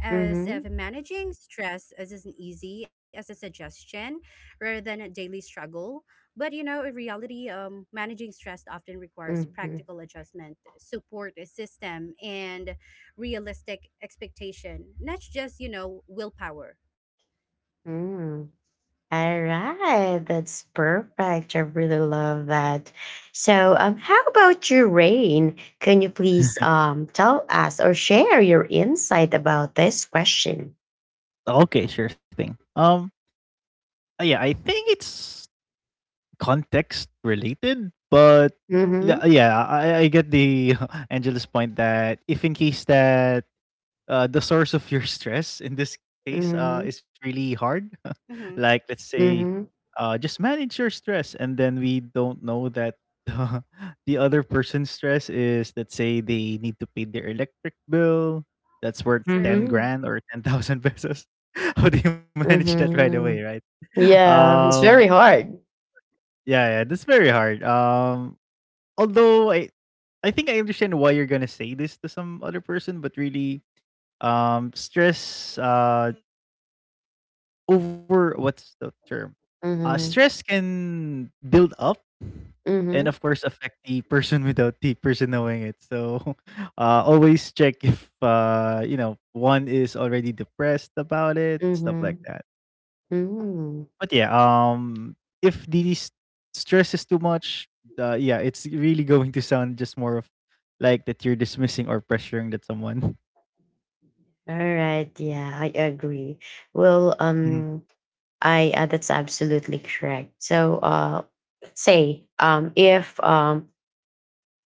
C: as if
A: Mm
C: managing stress is as easy as a suggestion rather than a daily struggle. But you know, in reality, um, managing stress often requires
A: hmm.
C: practical adjustment, support system, and realistic expectation, not just, you know, willpower.
A: Mm hmm. All right, that's perfect. I really love that. So, um, how about you, Rain? Can you please um tell us or share your insight about this question?
B: Okay, sure thing. Um, uh, yeah, I think it's context related, but l-
A: Mm-hmm.
B: yeah, I, I get the *laughs* Angela's point that if in case that uh, the source of your *laughs* stress in this case
A: Mm-hmm.
B: uh, is really hard.
C: Hmm.
B: *laughs* Like let's say,
A: Mm-hmm.
B: uh, just manage your stress, and then we don't know that *laughs* the other person's stress is let's say they need to pay their electric bill that's worth ten
C: True,
A: Mm-hmm.
B: grand or ten thousand pesos. *laughs* How do you manage that right away,
A: Mm-hmm.
B: right? *laughs*
A: Yeah, it's
B: Um,
A: very hard.
B: yeah, yeah, that's very hard. Um, although I I think I understand why you're gonna say this to some other person, but really, um stress uh over what's the term? Uh,
A: Mm-hmm.
B: stress can build up and
A: Mm-hmm.
B: of course affect the person *laughs* without the person knowing it. So *laughs* uh, always check if uh, you know one is already depressed about it, stuff
A: Mm-hmm.
B: like that.
A: Mm-hmm.
B: But yeah, um, if the s- stress is too much, uh, yeah, it's really going to sound just more of like that you're dismissing or pressuring that someone. *laughs*
A: All right. Yeah, I agree. Well,
B: Mhm.
A: um, I uh, that's absolutely correct. So uh, let's say um, if um,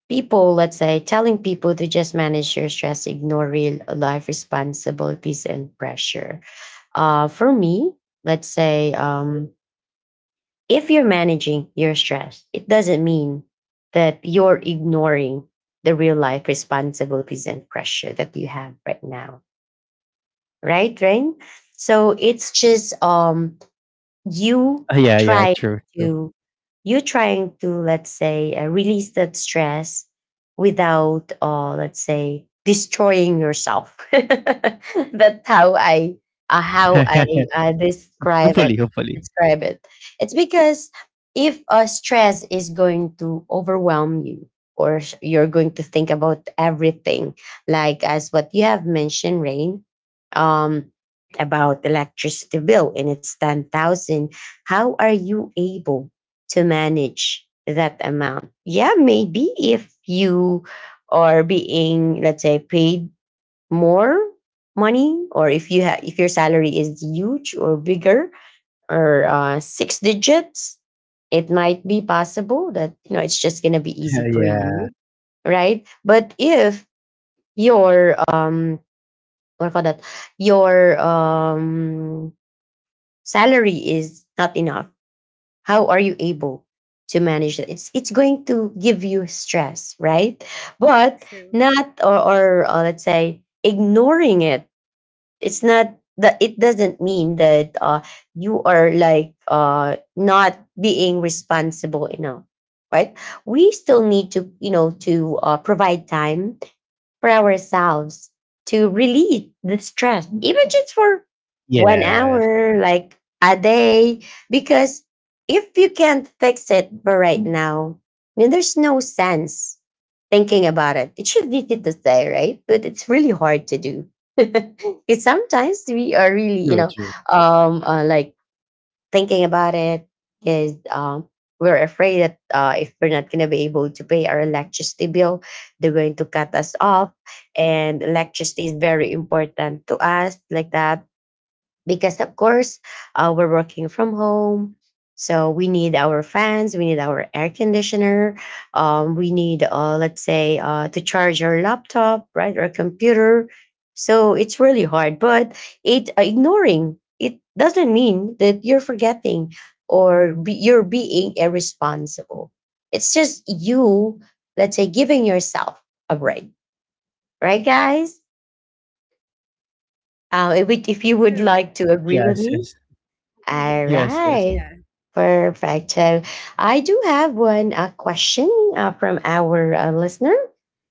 A: people, let's say, telling people to just manage your stress, ignore real life responsibilities and pressure. Uh, for me, let's say um, if you're managing your stress, it doesn't mean that you're ignoring the real life responsibilities and pressure that you have right now, right, Rain? So it's just um you
B: Uh, yeah, yeah,
A: try
B: true, true.
A: to you trying to let's say uh, release that stress without uh, let's say destroying yourself *laughs* that's how i uh, how I uh,
B: *laughs* Hopefully,
A: describe it
B: hopefully.
A: describe it. It's because if uh, stress is going to overwhelm you or s- you're going to think about everything like as what you have mentioned, Rain, um about electricity bill, and it's ten thousand. How are you able to manage that amount? Yeah, maybe if you are being, let's say, paid more money, or if you have, if your salary is huge or bigger, or uh, six digits, it might be possible that, you know, it's just gonna be easy
B: *laughs*
A: for
B: Yeah.
A: you, right? But if your um what do you call that, your um salary is not enough, how are you able to manage it? it's it's going to give you stress, right? But not,
C: true,
A: or, or uh, let's say ignoring it, it's not that, it doesn't mean that uh, you are like uh, not being responsible enough, right? We still need to, you know, to uh, provide time for ourselves to relieve the stress, even just for one
B: Yes.
A: hour, like a day. Because if you can't fix it for right now, then there's no sense thinking about it. It should be easy to say, right? But it's really hard to do. *laughs* Because sometimes we are really,
B: True,
A: you know,
B: true.
A: um, uh, like thinking about it is, um, we're afraid that uh, if we're not going to be able to pay our electricity bill, they're going to cut us off. And electricity is very important to us, like that, because of course uh, we're working from home, so we need our fans, we need our air conditioner, um, we need uh, let's say uh, to charge our laptop, right, or computer. So it's really hard, but it, uh, ignoring it doesn't mean that you're forgetting or be, you're being irresponsible. It's just you, let's say, giving yourself a break, right, guys? Uh, if, we- if you would like to
C: true.
A: agree
B: Yes,
A: with me.
B: yes.
A: All
B: Yes, yes.
C: *laughs*
A: right.
C: Yeah.
A: Perfect. So I do have one uh, question uh, from our uh, listener.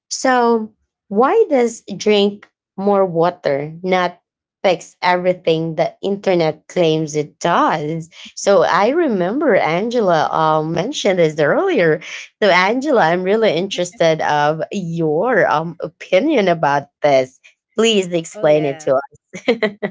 A: So, why does drink more water not fix everything the internet claims it does? So, I remember Angela um, mentioned this earlier. So, Angela, I'm really interested of your um, opinion about this. Please
C: Oh,
A: explain it to
C: yeah.
A: us. *laughs*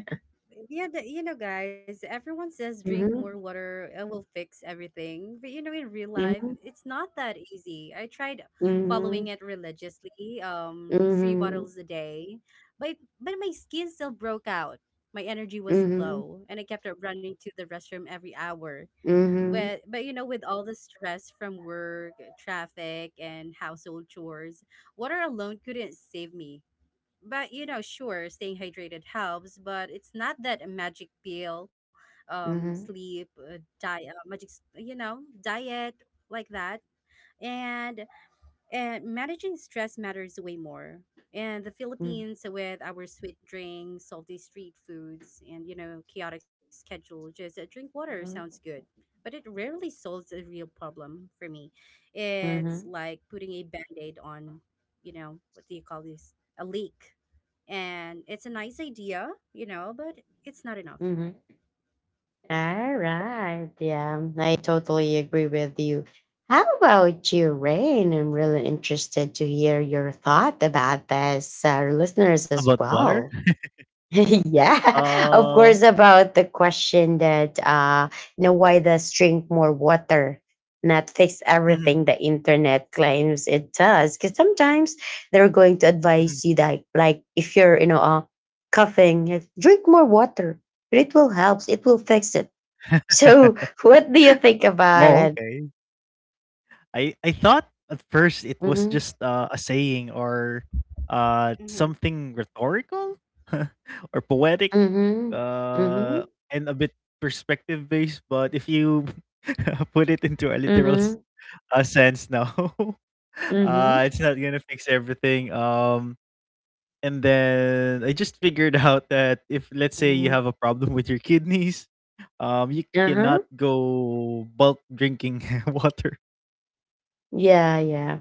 C: Yeah, the, you know, guys, everyone says drink more
A: Mhm.
C: water, it will fix everything. But you know, in real life,
A: Mhm.
C: it's not that easy. I tried following
A: Mhm.
C: it religiously, um, three
A: Mhm,
C: bottles a day, but but my skin still broke out. My energy was
A: mhm,
C: low, and I kept up running to the restroom every hour.
A: mhm,
C: But but you know, with all the stress from work, traffic, and household chores, water alone couldn't save me. But you know, sure, staying hydrated helps, but it's not that a magic pill. Um
A: mhm,
C: sleep, uh, diet, uh, magic s- you know, diet like that. And and managing stress matters way more. And the
A: mhm,
C: Philippines, with our sweet drinks, salty street foods, and you know, chaotic schedule, just uh, drink water sounds
A: mhm,
C: good, but it rarely solves the real problem for me. It's
A: mhm,
C: like putting a band aid on, you know, what do you call this? A leak. And it's a nice idea, you know, but it's not enough.
A: mhm. All right. Yeah, I totally agree with you. How about you, Rain? I'm really interested to hear your thought about this, our listeners as
B: About water?
A: well. *laughs* Yeah, *laughs* of
B: Uh,
A: course, about the question that, uh, you know, why does drink more water not fix
B: mhm,
A: everything the internet claims it does? Because sometimes they're going to
B: mhm.
A: advise you that, like, if you're, you know, uh, coughing, like, drink more water. It will help. It will fix it. So,
B: *laughs*
A: *laughs* what do you think about
B: Oh,
A: it?
B: okay. I I thought at first it was
A: Mm-hmm.
B: just uh, a saying or uh
C: Mm-hmm.
B: something rhetorical *laughs* or poetic
A: Mm-hmm. Mm-hmm.
B: uh and a bit perspective based, but if you *laughs* put it into a literal s-
A: Mm-hmm.
B: uh, sense now, *laughs*
A: Mm-hmm.
B: uh it's not going to fix everything. Um, and then I just figured *laughs* out that if let's say you
A: Mm-hmm.
B: have a problem with your kidneys, um, you cannot
A: Uh-huh.
B: go bulk drinking *laughs* water.
A: Yeah, yeah.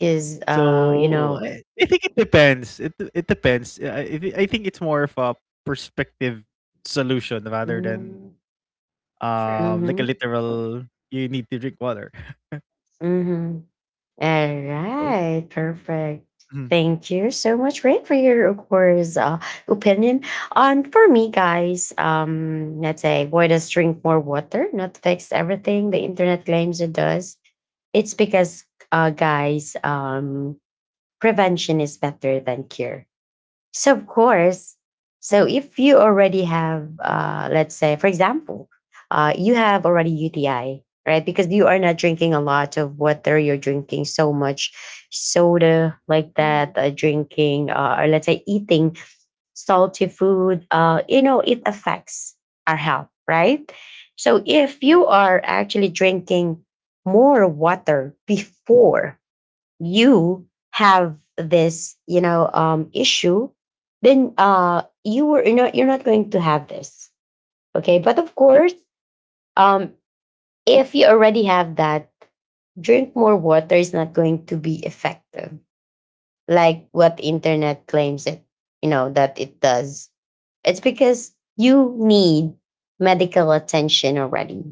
A: Is uh, you
B: So
A: know,
B: I, I think it depends. It it depends. I I thi- I think it's more of a perspective solution rather than
A: mm,
C: True.
B: um like a
A: mhm,
B: literal you need to drink water.
A: mhm. All
B: Oh.
A: right, perfect.
B: Mhm.
A: Thank you so much, Rick, for your, of course, uh, opinion. And for me, guys, um, let's say, why does drink more water not fix everything the internet claims it does? It's because, uh, guys, um, prevention is better than cure. So of course, so if you already have, uh, let's say, for example, uh, you have already U T I, right? Because you are not drinking a lot of water. You're drinking so much soda, like
C: Mm-hmm.
A: that. Uh, drinking, uh, or let's say, eating salty food. Uh, you know, it affects our health, right? So if you
C: True.
A: are actually drinking more water before you have this, you know, um issue, then uh you were you're not you're not going to have this. Okay, but of course um if you already have that, drink more water is not going to be effective, like what internet claims it, you know, that it does. It's because you need medical attention already.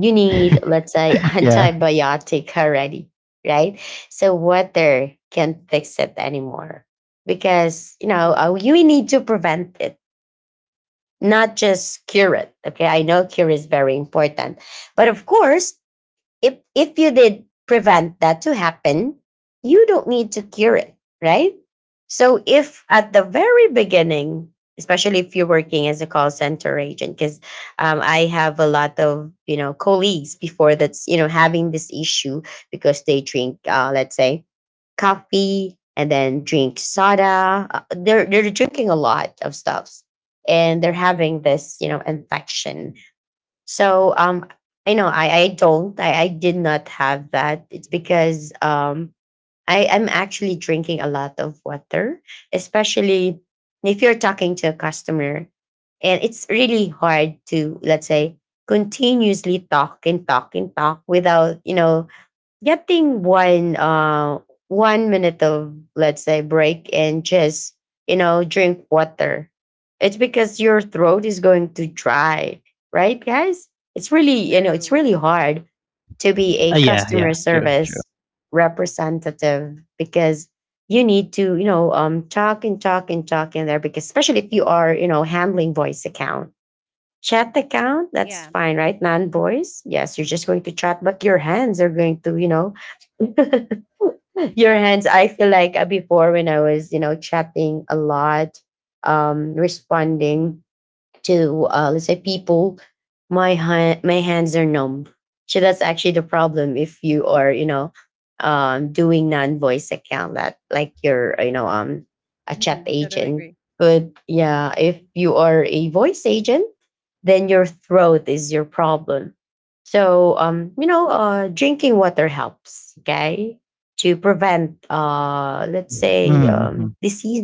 A: You need, let's say, *laughs*
B: *laughs* Yeah.
A: antibiotic already, right? So water can't fix it anymore, because, you know, uh,
C: Mm-hmm.
A: you need to prevent it, not just cure it. Okay, I know cure is very important, but of course, if if you did prevent that to happen, you don't need to cure it, right? So if at the very beginning, especially if you're working as a call center agent, because um, I have a lot of, you know, colleagues before that's, you know, having this issue, because they drink, uh, let's say coffee, and then drink soda. Uh, they're they're drinking a lot of stuffs, and they're having this, you know, infection. So um I know, I I don't I, I did not have that. It's because um I am actually drinking a lot of water, especially if you're talking to a customer, and it's really hard to, let's say, continuously talk and talk and talk without, you know, getting one uh one minute of, let's say, break, and just, you know, drink water. It's because your throat is going to dry, right, guys? It's really, you know, it's
C: True.
A: really hard to be a
B: Uh,
C: Mm-hmm.
B: yeah.
A: customer
B: Yeah. True. True.
A: service representative, because you need to, you know, um talk and talk and talk in there, because especially if you are, you know, handling voice account. Chat account,
C: Yeah.
A: that's fine, right? Non
C: Mm-hmm.
A: voice, yes, you're just going to chat, but your hands are going to, you know, *laughs* your hands, I feel like uh, before, when I was, you know, chatting a lot, um responding to, uh, let's say, people, my ha- my hands are numb. So that's actually the problem if you are, you know, um doing non-voice account, that like you're, you know, um a chat
C: Mm-hmm.
A: agent.
C: Totally agree.
A: But yeah, if you are a voice agent, then your throat is your problem. So um you know, uh drinking water helps, okay, to prevent, uh let's say,
B: Mm-hmm.
A: um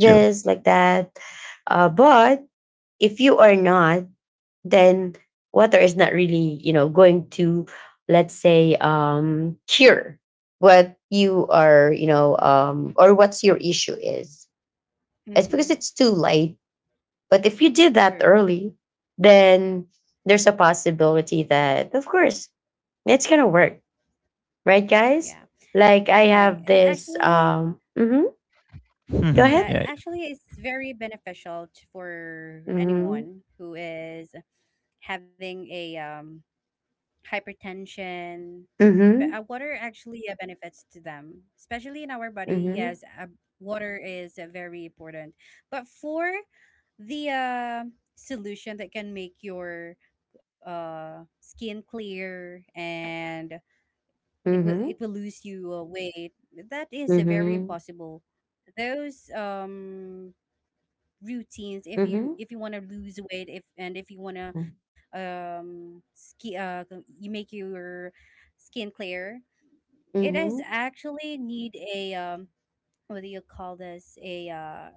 B: True.
A: like that. Uh, but if you are not, then water is not really, you know, going to, let's say, um cure what you are, you know, um or what's your issue is. It's because
C: Mhm.
A: it's too late. But if you did that
C: True.
A: early, then there's a possibility that, of course, it's gonna work, right, guys?
C: Yeah.
A: Like I
C: Yeah. I
A: have this
C: actually,
A: um hmm. Go
B: Mhm.
A: ahead.
C: yeah,
B: Yeah. Yeah.
C: actually, it's very beneficial to, for
A: Mm-hmm.
C: anyone who is having a um, hypertension. But uh,
A: Mm-hmm.
C: water actually uh, benefits to them, especially in our body.
A: Mm-hmm.
C: Yes, uh, water is uh, very important. But for the uh, solution that can make your uh, skin clear and it will it
A: Mm-hmm.
C: will lose you uh, weight, that is a
A: Mm-hmm.
C: very
A: Mm-hmm.
C: impossible. Those um routines, if
A: Mm-hmm.
C: you if you want to lose weight, if and if you want to um ski uh you make your skin clear, it is
A: Mm-hmm.
C: actually need a, um what do you call this, a uh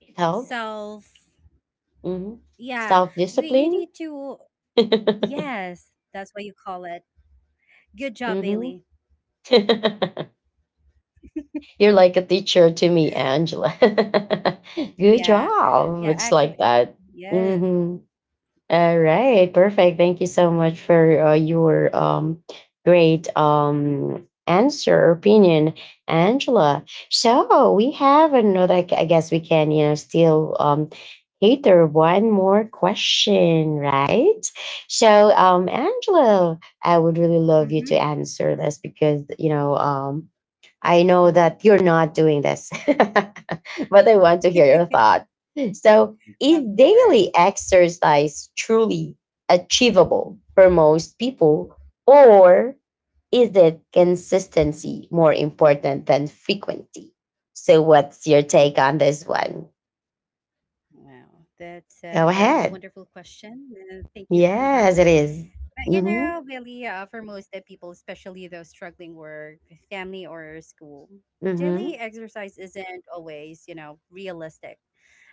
A: It helps.
C: self.
A: Hmm.
C: Yeah,
A: Self
C: you you
A: discipline.
C: need to.
A: *laughs* Hmm.
C: Yes, that's what you call it. Good job, Bailey.
A: *laughs* You're like a teacher to me, Angela. *laughs* Good
C: Yeah,
A: job.
C: yeah,
A: It's like
C: actually,
A: that.
C: yes.
A: Hmm. All right, perfect. Thank you so much for uh, your um, great um, answer, or opinion, Angela. So we have another. I gu- I guess we can, you know, still um, cater one more question, right? So, um, Angela, I would really love you to
C: Mm-hmm.
A: answer this because you know um, I know
C: Mm-hmm.
A: that you're not doing this, *laughs* but I want to hear your thought. So, is
C: Of
A: daily
C: course.
A: exercise truly achievable for most people, or is it consistency more important than frequency? So, what's your take on this one?
C: Wow, that's
A: Go
C: a very
A: ahead.
C: wonderful question. Uh, thank you for
A: Yes,
C: that.
A: it is.
C: But you
A: Mhm,
C: know, Billy, uh, for most of people, especially those struggling work, family, or school,
A: mhm,
C: daily exercise isn't always, you know, realistic.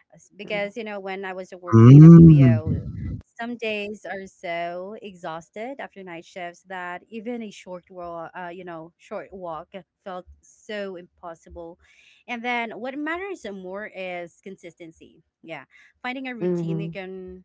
C: S- because you know, when I was working in a
B: Mm.
C: B P O, some days are so exhausted after night shifts that even a short walk, uh, you know short walk felt so impossible. And then what matters more is consistency, yeah. Finding a
A: mhm,
C: routine you
A: mhm,
C: can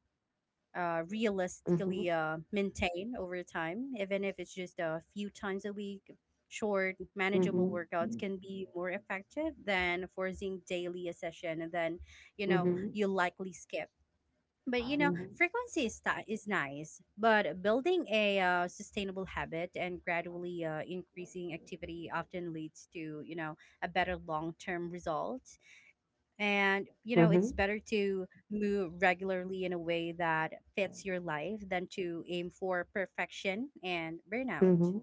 C: uh, realistically
A: mhm,
C: uh, maintain over time, even if it's just a few times a week. Short, manageable
A: mhm,
C: workouts can be more effective than forcing daily a session, and then you know,
A: mhm,
C: you likely skip. But you know,
A: mhm,
C: frequency is, ti is nice, but building a uh, sustainable habit and gradually uh, increasing activity often leads to, you know, a better long term result. And, you know, it's
A: mhm,
C: better to move regularly in a way that fits your life than to aim for perfection and burnout.
A: mhm.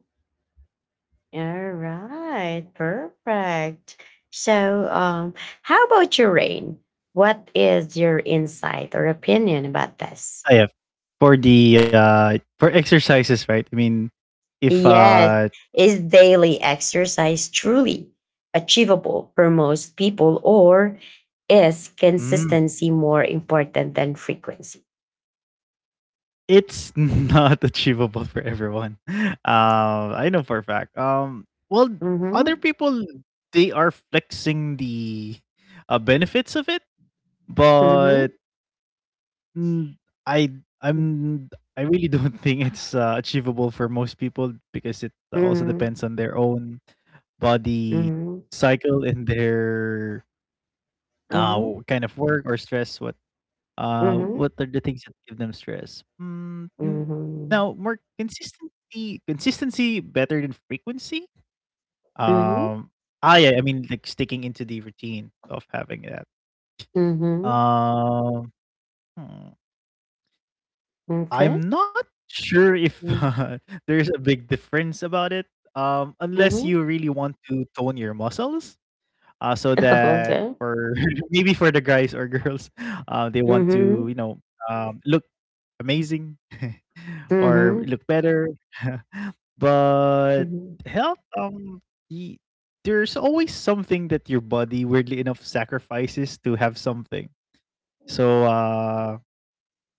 A: All right, perfect. So, um, how about your rain? What is your insight or opinion about this?
B: I have for the uh for exercises, right? I mean, if
A: Yes,
B: uh
A: is daily exercise truly achievable for most people, or is
B: mm,
A: consistency more important than frequency?
B: it's *laughs* not achievable for everyone. *laughs* Um, I know for a fact. Um, well, other
A: Mm-hmm.
B: people they are flexing the uh, benefits of it, but
A: Mm-hmm.
B: mm, I I'm I really *laughs* don't think it's uh, achievable for most people because it also
A: Mm-hmm.
B: depends on their own body
A: Mm-hmm.
B: cycle and their Uh, what kind of work or stress? What
A: Mm-hmm.
B: uh,
A: Mm-hmm.
B: what
C: Mm-hmm.
B: are the things that give them stress? Mm, now,
A: Mm-hmm.
B: more consistency, consistency better than frequency.
A: Mm-hmm.
B: Um, ah, yeah, I mean, like sticking into the routine of having that.
A: Mm-hmm.
B: Um, hmm,
A: Okay.
B: I'm not sure if *laughs*
A: Mm-hmm.
B: uh, there's a big difference about it. Um, unless you really want to tone your muscles, uh, so
A: *laughs*
B: that
A: Okay.
B: for *laughs* maybe for the guys or girls, uh, they want to
A: Mhm.
B: you know um, look amazing *laughs* or
A: Mhm.
B: look better. *laughs* But
A: Mhm.
B: health, um, y- there's always something that your body weirdly enough sacrifices to have something. So uh,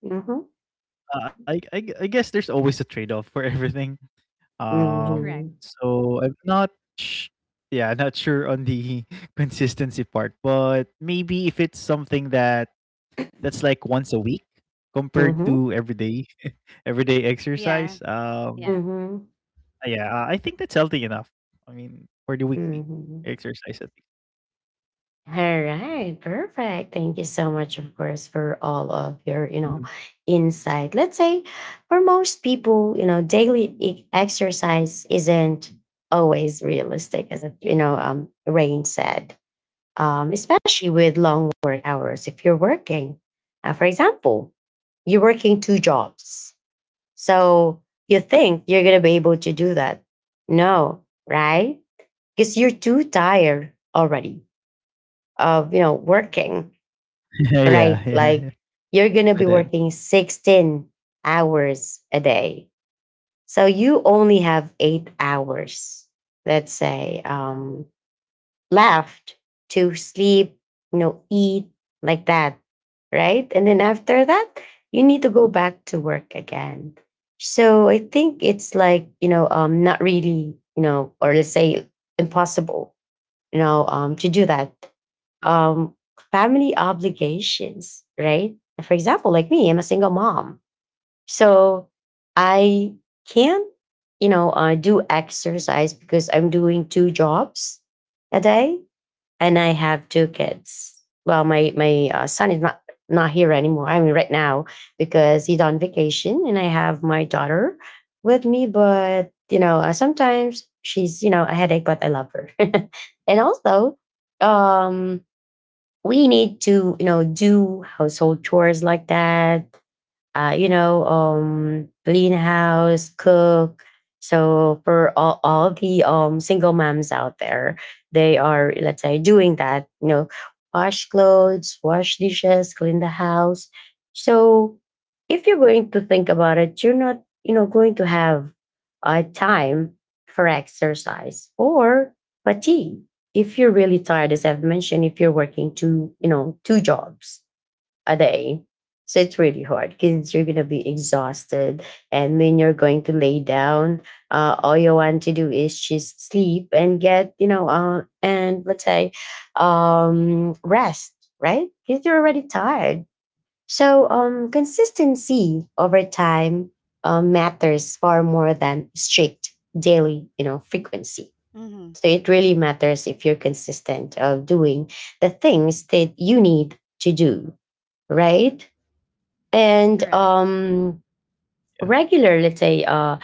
A: Mhm.
B: I, I I guess there's always a trade off for *laughs* everything. Um,
C: Correct.
A: Mhm.
B: so I'm not sh- yeah, not sure on the *laughs* consistency part, but maybe if it's something that that's like once a week compared
A: Mhm.
B: to everyday *laughs* everyday
C: Yeah.
B: exercise, um,
C: Yeah.
A: Mhm.
B: uh, yeah, uh, I think that's healthy enough. I mean, for the weekly
A: Mhm.
B: exercise at least.
A: All right, perfect. Thank you so much, of course, for all of your, you know,
B: Mhm.
A: insight. Let's say for most people, you know, daily e- exercise isn't always realistic, as you know, um, Rain said, um, especially with long work hours. If you're working, uh, for example, you're working two jobs. So you think you're going to be able to do that. No, right? Because you're too tired already of, you know, working,
B: *laughs* Yeah, yeah,
A: right? Like
B: yeah.
A: you're going to
B: By
A: be
B: then.
A: working sixteen hours a day. So you only have eight hours, let's say, um, left to sleep, you know, eat like that, right? And then after that, you need to go back to work again. So I think it's like, you know, um, not really, you know, or let's say impossible, you know, um, to do that. Um, family obligations, right? For example, like me, I'm a single mom. So I can't, you know, uh, do exercise because I'm doing two jobs a day and I have two kids. Well, my my uh, son is not not here anymore. I mean, right now because he's on vacation, and I have my daughter with me. But you know, uh, sometimes she's you know a headache, but I love her. *laughs* And also, um, we need to you know do household chores like that uh, you know, um, clean house, cook. So for all, all the um, single moms out there, they are, let's say, doing that, you know, wash clothes, wash dishes, clean the house. So if you're going to think about it, you're not, you know, going to have uh, time for exercise or fatigue. If you're really tired, as I've mentioned, if you're working two, you know, two jobs a day. So it's really hard because you're gonna be exhausted, and when you're going to lay down, uh, all you want to do is just sleep and get you know, uh, and let's say, um, rest, right? Because you're already tired. So um, consistency over time uh, matters far more than strict daily, you know, frequency.
C: Mm-hmm.
A: So it really matters if you're consistent of doing the things that you need to do, right? And
C: Correct.
A: um regular, let's say, uh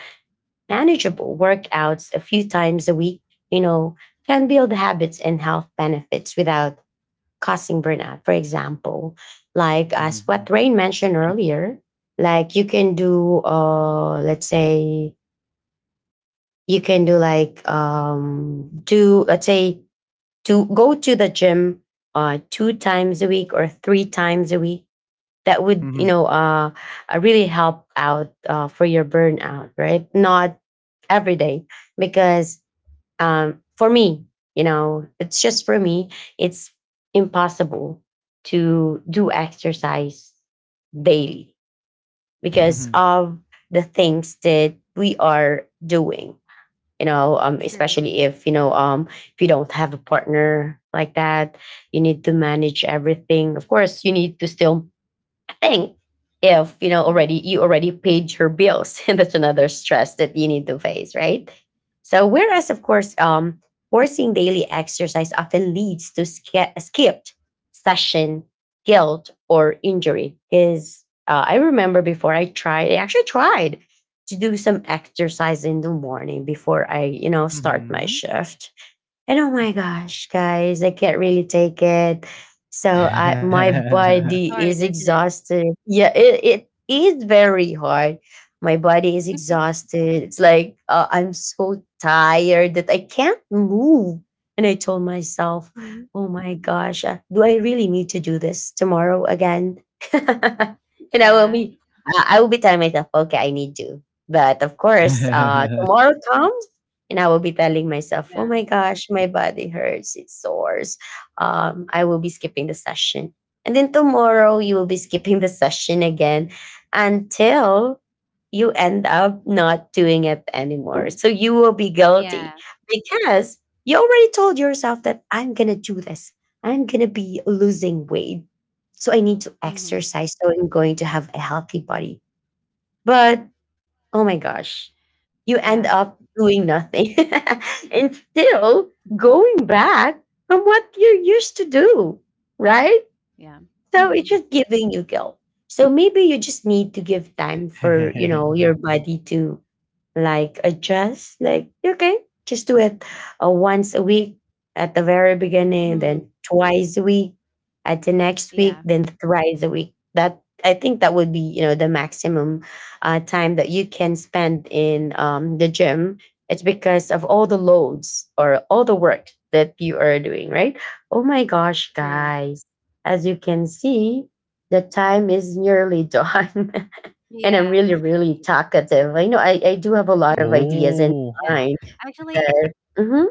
A: manageable workouts a few times a week, you know, can build habits and health benefits without causing burnout. For example, like as what Rain mentioned earlier, like you can do, uh let's say you can do like, um do, let's say, to go to the gym uh two times a week or three times a week. That would, you know uh, uh, really help out uh, for your burnout, right? Not every day, because, um, for me, you know, it's just for me, it's impossible to do exercise daily because of the things that we are doing, you know. um,
C: True.
A: especially if you know, um, if you don't have a partner like that, you need to manage everything. Of course, you need to still thing if you know already,
C: Mm-hmm.
A: you already paid your bills. *laughs* And that's another stress that you need to face, right? So
C: Yeah.
A: whereas of course, um forcing daily exercise often leads to sk- skipped session, guilt, or injury. Is uh, I remember before, i tried I actually tried to do some exercise in the morning before I, you know start my shift, and oh my gosh, guys, I can't really take it. So I, my
C: It's
A: body
C: hard,
A: is
C: isn't it?
A: exhausted. Yeah, it, it is very hard. My body is exhausted. It's like, uh, I'm so tired that I can't move. And I told myself,
C: Hmm.
A: oh my gosh, uh, do I really need to do this tomorrow again? *laughs* And I will
C: Yeah.
A: be, I I will be telling myself, okay, I need to. But of course, uh, tomorrow comes and I will be telling myself,
C: Yeah.
A: "Oh my gosh, my body hurts, it sores." Um, I will be skipping the session, and then tomorrow you will be skipping the session again until you end up not doing it anymore. So you will be
C: Yeah.
A: guilty because you already told yourself that I'm gonna do this. I'm gonna be losing weight, so I need to
C: Mm-hmm.
A: exercise. So I'm going to have a healthy body, but oh my gosh, you
C: Yeah.
A: end up doing nothing *laughs* and still going back from what you used to do, right?
C: Yeah.
A: So
C: Hmm.
A: it's just giving you guilt. So maybe you just need to give time for, you know, your body to like adjust. Like, okay, just do it uh, once a week at the very beginning,
C: Hmm.
A: then twice a week at the next
C: Yeah.
A: week, then thrice a week. That I think that would be, you know, the maximum uh, time that you can spend in, um, the gym. It's because of all the loads or all the work that you are doing, right? Oh my gosh,
C: True.
A: guys, as you can see, the time is nearly done. *laughs* And I'm
C: Yeah.
A: really, really
C: Y-
A: talkative. I know I, I do have a lot of
C: Mhm.
A: ideas in
C: Yeah.
A: mind.
C: Actually,
A: That, mm-hmm.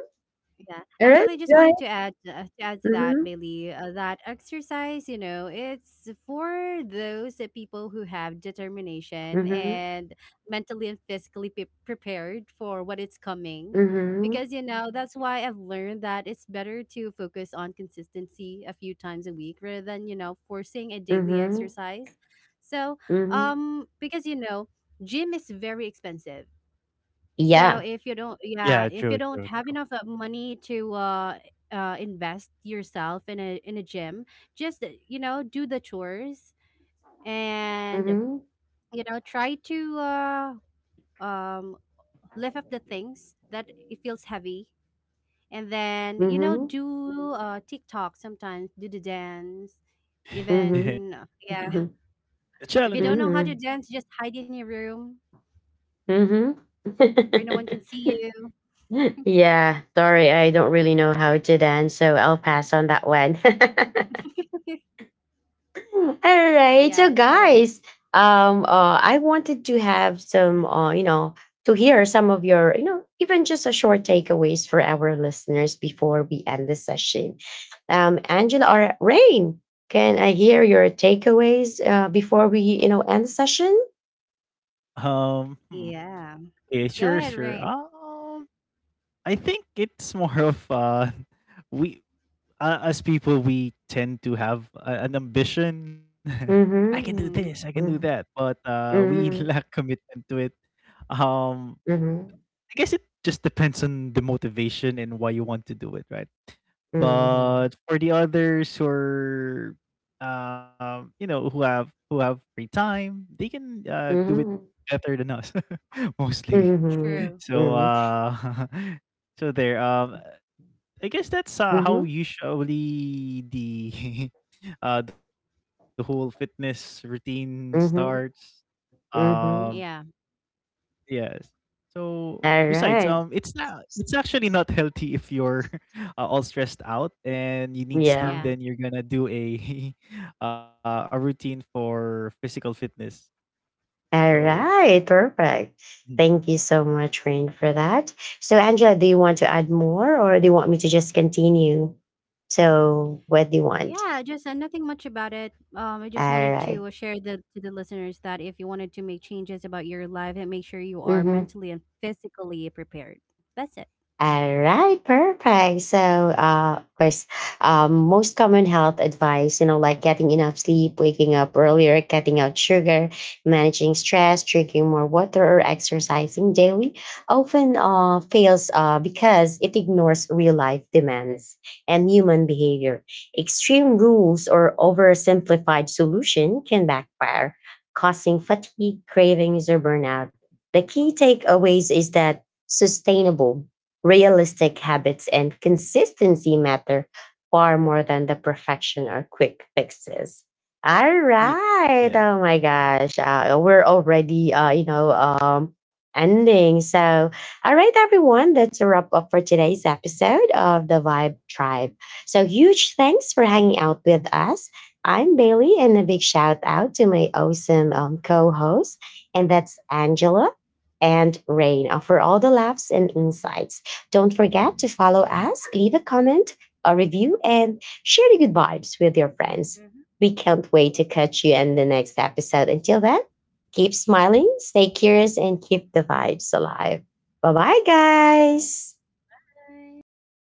C: yeah,
A: All right.
C: actually, I just
A: Right.
C: wanted to add uh, to add to that,
A: Mm-hmm.
C: Bailey, uh, that exercise, you know, it's for those uh, people who have determination
A: Mm-hmm.
C: and mentally and physically pe- prepared for what it's coming.
A: Mm-hmm.
C: Because you know, that's why I've learned that it's better to focus on consistency a few times a week rather than, you know, forcing a daily
A: Mm-hmm.
C: exercise. So,
A: Mm-hmm.
C: um, because you know, gym is very expensive, so
A: Yeah.
C: if you don't, yeah, if you don't have enough uh, money to uh, uh, invest yourself in a in a gym, just uh, you know, do the chores and
A: Mm-hmm.
C: you know, try to uh, um, lift up the things that it feels heavy, and then you know,
A: Mm-hmm.
C: do uh, TikTok sometimes, do the dance,
A: Mm-hmm.
C: even uh, yeah. *laughs* If you don't know how to
A: Mm-hmm.
C: dance, just hide in your room
A: Mm-hmm.
C: where no one can see you.
A: *laughs* *laughs* Yeah. Sorry, I don't really know how to dance, so I'll pass on that one. *laughs*
C: *laughs*
A: All right, so
C: Yeah, totally.
A: guys, um, uh, I wanted to have some, uh, you know, to hear some of your, you know, even just a short takeaways for our listeners before we end the session. Um, Angela or Rain, can I hear your takeaways uh, before we, you know, end the session?
C: Yeah, go ahead, Rain.
A: Mm-hmm.
C: Mhm.
A: Mm-hmm. Mhm. Mhm. Mhm. Mhm. Mhm.
C: True.
A: Mhm. Mhm. Mhm. Mhm.
C: Yeah.
A: Alright. Yeah.
C: Yeah.
A: Alright. Perfect. Thank you so much, Rain, for that. So, Angela, do you want to add more or do you want me to just continue? So, what do you want?
C: Yeah, just uh, nothing much about it. Um, I just
A: All
C: wanted
A: right.
C: to uh, share the to the listeners that if you wanted to make changes about your life, and make sure you are
A: Mhm.
C: mentally and physically prepared. That's it.
A: All right, perfect. So, uh, of course, um, most common health advice, you know, like getting enough sleep, waking up earlier, cutting out sugar, managing stress, drinking more water, or exercising daily, often uh, fails uh, because it ignores real life demands and human behavior. Extreme rules or oversimplified solution can backfire, causing fatigue, cravings, or burnout. The key takeaways is that sustainable, realistic habits and consistency matter far more than the perfection or quick fixes. All right. Oh my gosh. Uh, we're already, uh, you know, um, ending. So, all right, everyone. That's a wrap up for today's episode of the Vibe Tribe. So, huge thanks for hanging out with us. I'm Bailey, and a big shout out to my awesome um, co hosts, and that's Angela and Rain uh, for all the laughs and insights. Don't forget to follow us, leave a comment, a review, and share the good vibes with your friends. We can't wait to catch you in the next episode. Until then, keep smiling, stay curious, and keep the vibes alive. Bye bye, guys.
C: Bye.